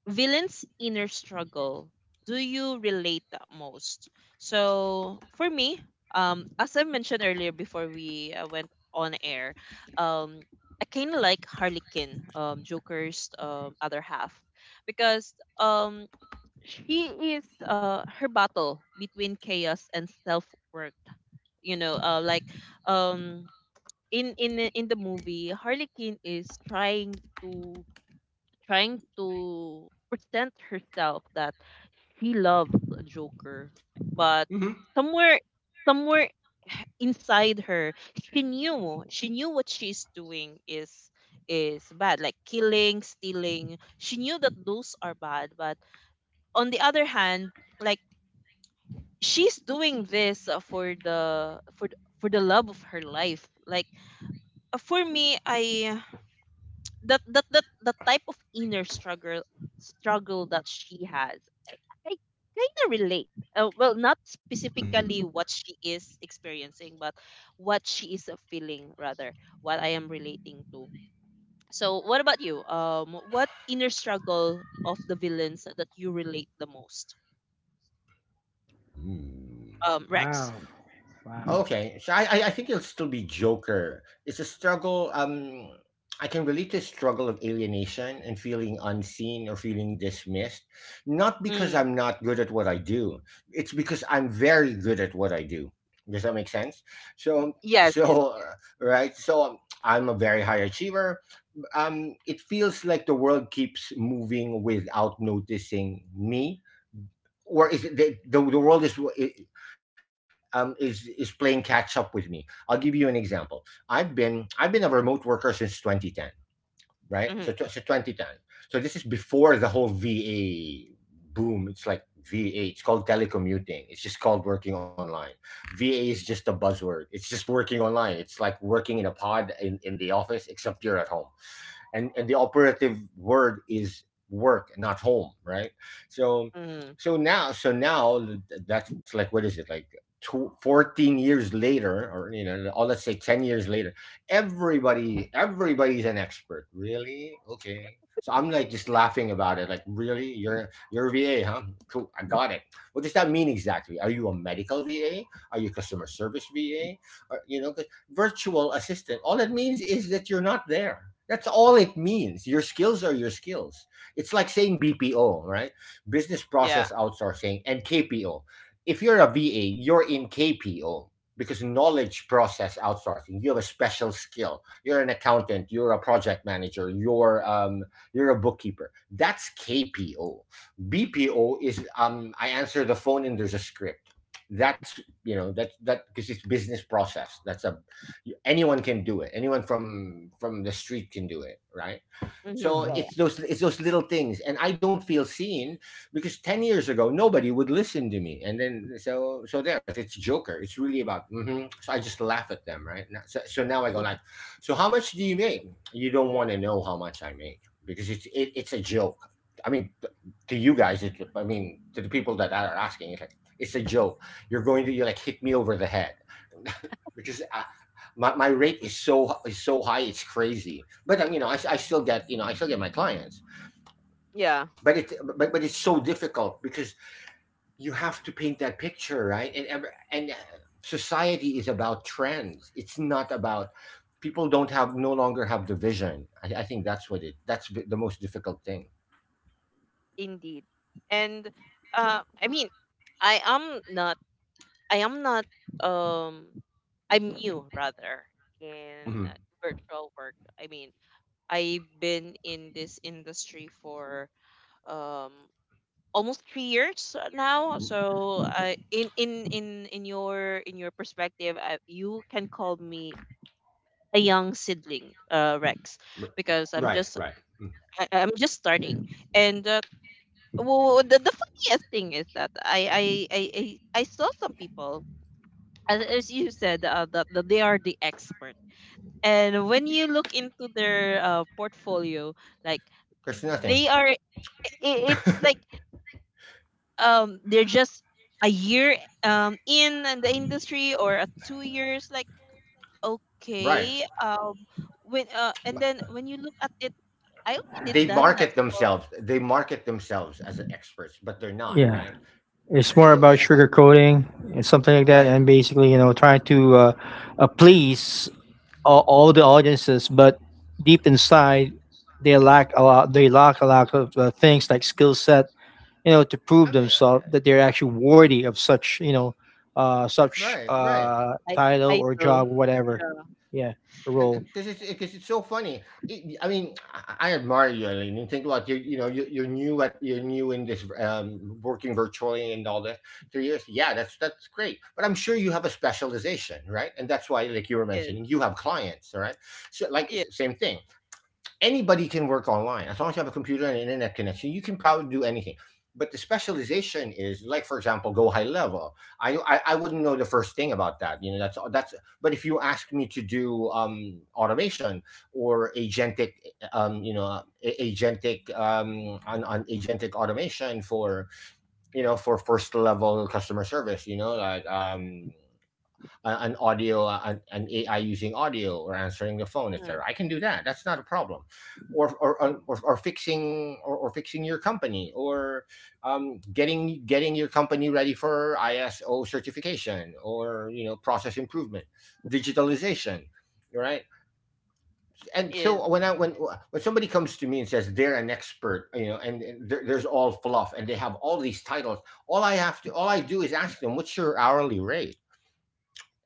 A: villain's inner struggle do you relate the most? So for me, as I mentioned earlier before we, went on air, um, I kind of like Harley Quinn, Joker's other half, because, um she is, her battle between chaos and self worth. You know, like, um in the movie, Harley Quinn is trying to present herself that she loves Joker, but
C: Mm-hmm. Mm-hmm.
A: somewhere somewhere inside her, she knew what she's doing is bad, like killing, stealing. She knew that those are bad, but on the other hand, like, she's doing this, for for the love of her life. Like, for me, I that that that the type of inner struggle that she has, i, I kind of relate, well, not specifically what she is experiencing, but what she is, feeling rather, what I am relating to. So, what about you, what inner struggle of the villains that you relate the most,
C: Mm-hmm. Mm.
A: Rex?
B: Wow. Wow.
C: Okay, so I think it'll still be Joker. It's a struggle. I can relate to the struggle of alienation and feeling unseen or feeling dismissed. Not because
A: Mm,
C: I'm not good at what I do. It's because I'm very good at what I do. Does that make sense? So
A: yes, yes.
C: so right. So I'm a very high achiever. It feels like the world keeps moving without noticing me, or is the world is is playing catch up with me. I'll give you an example. I've been a remote worker since 2010, right? So
A: Mm-hmm,
C: 2010. So this is before the whole VA boom. It's like VA. It's called telecommuting. It's just called working online. VA is just a buzzword. It's just working online. It's like working in a pod in the office, except you're at home, and the operative word is work, not home, right? so
A: mm-hmm,
C: so now so now, that's like what is it, like 2 14 years later, or you know, or let's say 10 years later, everybody everybody's an expert, really, okay? So I'm like just laughing about it, like, really, you're a va, huh? Cool, I got it. What does that mean exactly? Are you a medical va, are you customer service va, or, you know, 'cause virtual assistant. All it means is that you're not there. That's all it means. Your skills are your skills. It's like saying BPO, right? Business
A: yeah.
C: process outsourcing and KPO. If you're a VA, you're in KPO because knowledge process outsourcing. You have a special skill. You're an accountant, you're a project manager, you're a bookkeeper. That's KPO. BPO is I answer the phone and there's a script. That's that because it's business process. That's a anyone can do it, anyone from the street can do it, right?
A: Mm-hmm,
C: So
A: yeah,
B: Hmm.
C: it's those, it's those little things, and I don't feel seen because 10 years ago nobody would listen to me. And then so there's, it's Joker. It's really about so I just laugh at them, right? So now I go
A: yeah.
C: like, so how much do you make? You don't want to know how much I make because it's it's a joke. i mean t- to you guys, I mean to the people that are asking, it's like it's a joke. You're going to, you like hit me over the head because my rate is so, is so high, it's crazy. But you know, I still get, I still get my clients.
A: Yeah,
C: But it, but it's so difficult because you have to paint that picture, right? And ever, and society is about trends, it's not about, people don't have, no longer have the vision. I think that's what it, that's the most difficult thing.
A: indeed. And, uh I mean, I am not I am not, um I'm new rather in,
C: Mhm.
A: virtual work. I mean, I've been in this industry for, um almost 3 years now. So, I in your perspective, you can call me a young seedling, Rex,
C: R-
A: because
C: right, right. Mm.
A: I'm just starting. And, well, the funniest thing is that I saw some people, as you said, that they are the expert. And when you look into their, portfolio, like,
C: There's nothing.
A: they are, I- it's like, they're just a year, in the industry or a 2 years. Like,
C: Right,
A: okay, when and then when you look at it, I already
C: they
A: done that.
C: market
A: So
C: themselves, they market themselves as experts, but they're not,
B: Yeah.
C: right?
B: It's more
C: To go
B: about
C: to,
B: sugarcoating and something like
C: right.
B: that, and basically, you know, trying to please all the audiences, but deep inside, they lack a lot. They lack a lot of things like skill set, you know, to
C: I
B: prove
C: mean,
B: themselves that they're actually worthy of such, you know, uh, such
C: right, right.
B: uh,
A: I
B: title
A: I
B: or
A: know.
B: job, whatever.
A: Yeah.
B: Yeah, role.
C: Because it's, because it's so funny. It, I mean, I admire you, Eileen. And think about you. You know, you, you're new at, you're new in this working virtually and all that. 3 years, yeah, that's great. But I'm sure you have a specialization, right? And that's why, like you were
A: Yes.
C: mentioning, you have clients, all right? So, like,
A: Yes.
C: same thing. Anybody can work online. As long as you have a computer and an internet connection, you can probably do anything. But the specialization is, like, for example, Go High Level. I wouldn't know the first thing about that, you know. That's, but if you ask me to do automation or agentic, you know, agentic, on agentic automation for, you know, for first level customer service, you know, like an audio, an AI using audio or answering the phone,
A: Mhm,
C: etc., I can do that. That's not a problem. Or or, or fixing, or fixing your company, or getting, getting your company ready for ISO certification, or, you know, process improvement, digitalization, right? And
A: yes.
C: so when I when somebody comes to me and says they're an expert, you know, and there's all fluff and they have all these titles, all I do is ask them, what's your hourly rate?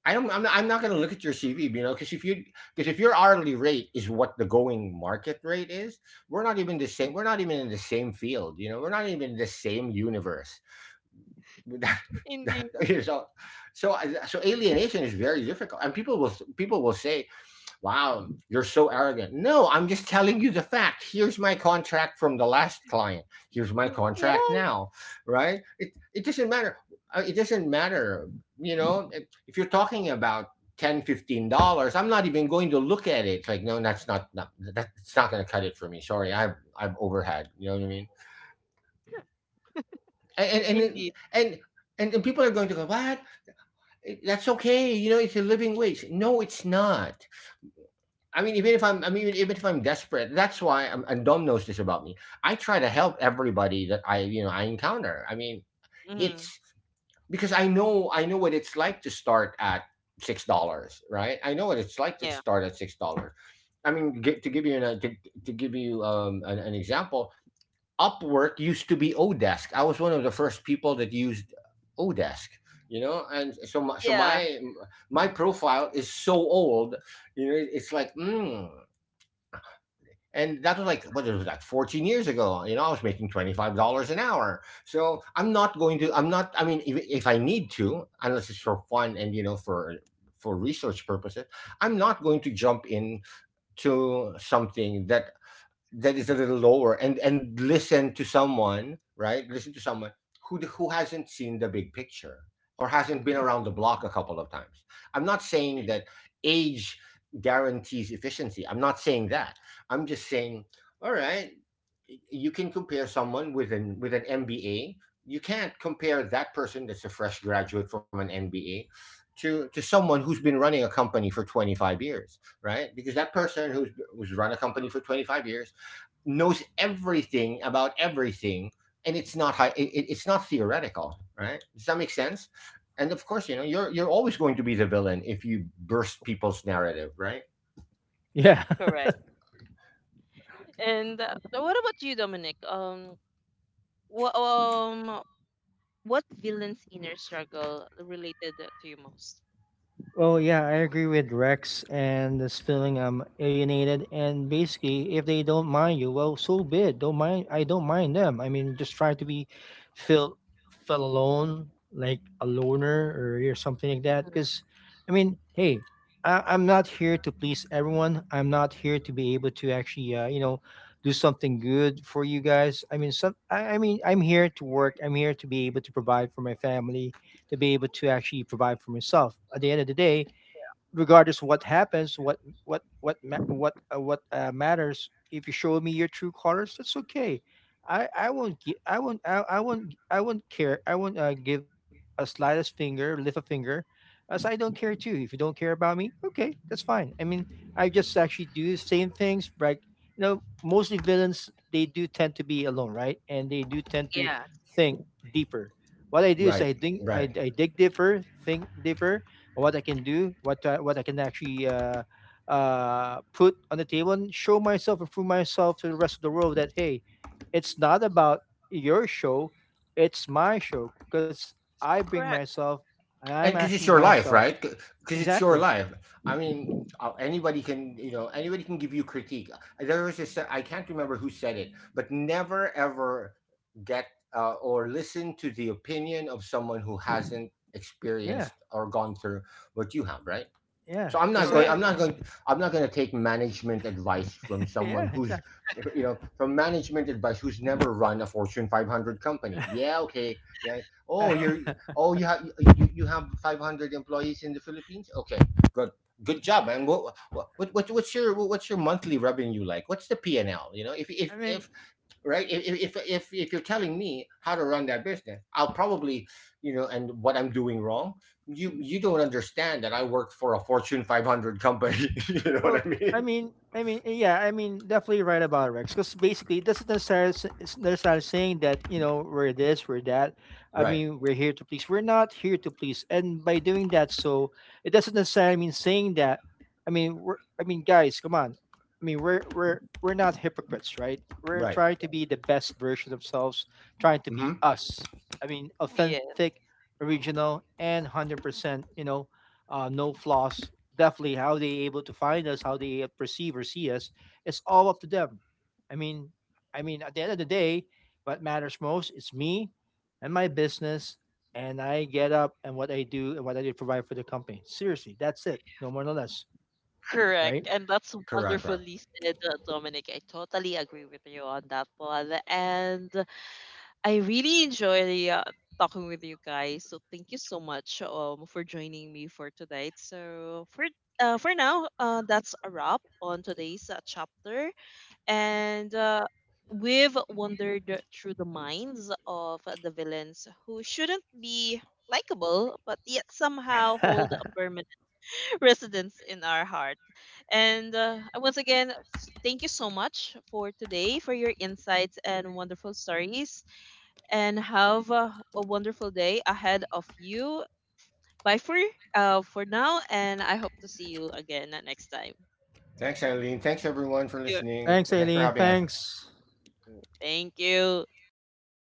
C: I don't. I'm not going to look at your CV, you know, because if you, because if your hourly rate is what the going market rate is, we're not even the same. We're not even in the same field, you know. We're not even in the same universe.
A: Indeed.
C: So, so so alienation is very difficult, and people will, people will say, wow, you're so arrogant. No, I'm just telling you the fact. Here's my contract from the last client. Here's my
A: Yeah.
C: contract now, right? It doesn't matter. It doesn't matter. You know, if you're talking about $10, $15, I'm not even going to look at it. It's like, no, that's not, not, that's not going to cut it for me. Sorry, I've overhead, you know what I mean? And
A: Indeed.
C: and and, and people are going to go, what, that's okay, you know, it's a living wage. No, it's not. I mean, even if I'm, I mean, even if I'm desperate, that's why. I'm, and Dom knows this about me. I try to help everybody that I, you know, I encounter. I mean,
A: Hmm.
C: it's because I know what it's like to start at $6, right? I know what it's like to
A: Yeah.
C: start at $6. I mean, to give you an, to give you an example, Upwork used to be Odesk. I was one of the first people that used Odesk. You know, and so my, so
A: Yeah.
C: my profile is so old, you know, it's like and that was like, what, it was like 14 years ago, you know, I was making $25 an hour. So I'm not going to, I'm not, I mean, if I need to, unless it's for fun and, you know, for research purposes, I'm not going to jump in to something that, that is a little lower and listen to someone, right, listen to someone who hasn't seen the big picture or hasn't been around the block a couple of times. I'm not saying that age guarantees efficiency, I'm not saying that. I'm just saying, all right, you can compare someone with an, with an MBA, you can't compare that person, that's a fresh graduate from an MBA, to someone who's been running a company for 25 years, right? Because that person who's, who's run a company for 25 years knows everything about everything. And it's not high, it, it's not theoretical, right? Does that make sense? And of course, you know, you're always going to be the villain if you burst people's narrative, right?
B: Yeah.
A: Correct. And, so what about you, Dominic? What, what villain's inner struggle related to you most?
B: Well, yeah, I agree with Rex and this feeling I'm alienated. And basically, if they don't mind you, well, so be it. Don't mind. I don't mind them. I mean, just try to be feel felt alone, like a loner or something like that.
A: Mm,
B: Because, I mean, hey, I'm not here to please everyone. I'm not here to be able to actually, do something good for you guys. I mean, some. I mean, I'm here to work. I'm here to be able to provide for my family, to be able to actually provide for myself. At the end of the day, regardless of what happens, what what matters. If you show me your true colors, that's okay. I won't I won't care. I won't give a slightest finger, lift a finger, as I don't care too. If you don't care about me, okay, that's fine. I mean, I just actually do the same things. Like, mostly villains they do tend to be alone, right? And they do tend to
A: yeah,
B: think deeper. What I do is
C: Right,
B: I think I,
C: right.
B: I dig deeper, think deeper, what I can do, what I can actually put on the table and show myself and prove myself to the rest of the world that, hey, it's not about your show, it's my show because I bring
A: correct,
B: myself and I'm
C: And
B: actually
C: because it's your
B: myself.
C: life, right? Because it's
B: Exactly.
C: your life. I mean, anybody can, you know, anybody can give you critique. There was this, I can't remember who said it, but never ever get, or listen to the opinion of someone who hasn't
B: Yeah.
C: experienced or gone through what you have, right?
B: Yeah.
C: So I'm not
B: Because I,
C: going,
A: correct.
B: I
C: I'm not going, I'm not going to take management advice from someone
B: yeah,
C: who's,
B: exactly.
C: you know, from management advice who's never run a Fortune 500 company. Yeah, okay. Yeah. Oh,
B: I
C: you're. Oh, you have. You have 500 employees in the Philippines. Okay. Good. Good job, man. What, what, what's your, what's your monthly revenue like? What's the P and L? You know, if
B: mean,
C: if, right, if you're telling me how to run that business, I'll probably, you know, and what I'm doing wrong, you don't understand that I work for a Fortune 500 company. You know what
B: well,
C: I
B: I
C: mean?
B: mean, I mean, eh, yeah, I mean, definitely right about it, Rex, because basically, it doesn't necessarily it's necessarily saying that, we're this, we're that. I
C: Right.
B: mean, we're here to please. We're not here to please, and by doing that, so it doesn't necessarily mean saying that. I mean, I mean, guys, come on. I mean, we're not hypocrites, right? We're
C: Right.
B: trying to be the best version of ourselves, trying to be
C: Mm-hmm.
B: us. I mean,
A: Yeah,
B: authentic, original, and 100%. You know, no flaws, definitely how they able to find us, how they perceive or see us, it's all up to them. I mean, I mean, at the end of the day, what matters most is me and my business, and I get up and what I do and what I do provide for the company. Seriously, that's it. No more, no less.
A: correct.
B: Right?
A: And that's
C: Correct. Correct.
A: wonderfully said, Dominic. I totally agree with you on that one. And I really enjoy, talking with you guys. So thank you so much, for joining me for tonight. So for now, that's a wrap on today's, chapter. And, we've wandered through the minds of the villains who shouldn't be likable but yet somehow hold a permanent residence in our heart. And, once again, thank you so much for today for your insights and wonderful stories. And have, a wonderful day ahead of you. Bye for now, and I hope to see you again next time.
C: Thanks, Eileen. Thanks everyone for
A: Thank you.
C: listening.
B: Thanks,
C: Thanks for
B: Aileen.
C: having us.
B: Thanks.
A: Thank you.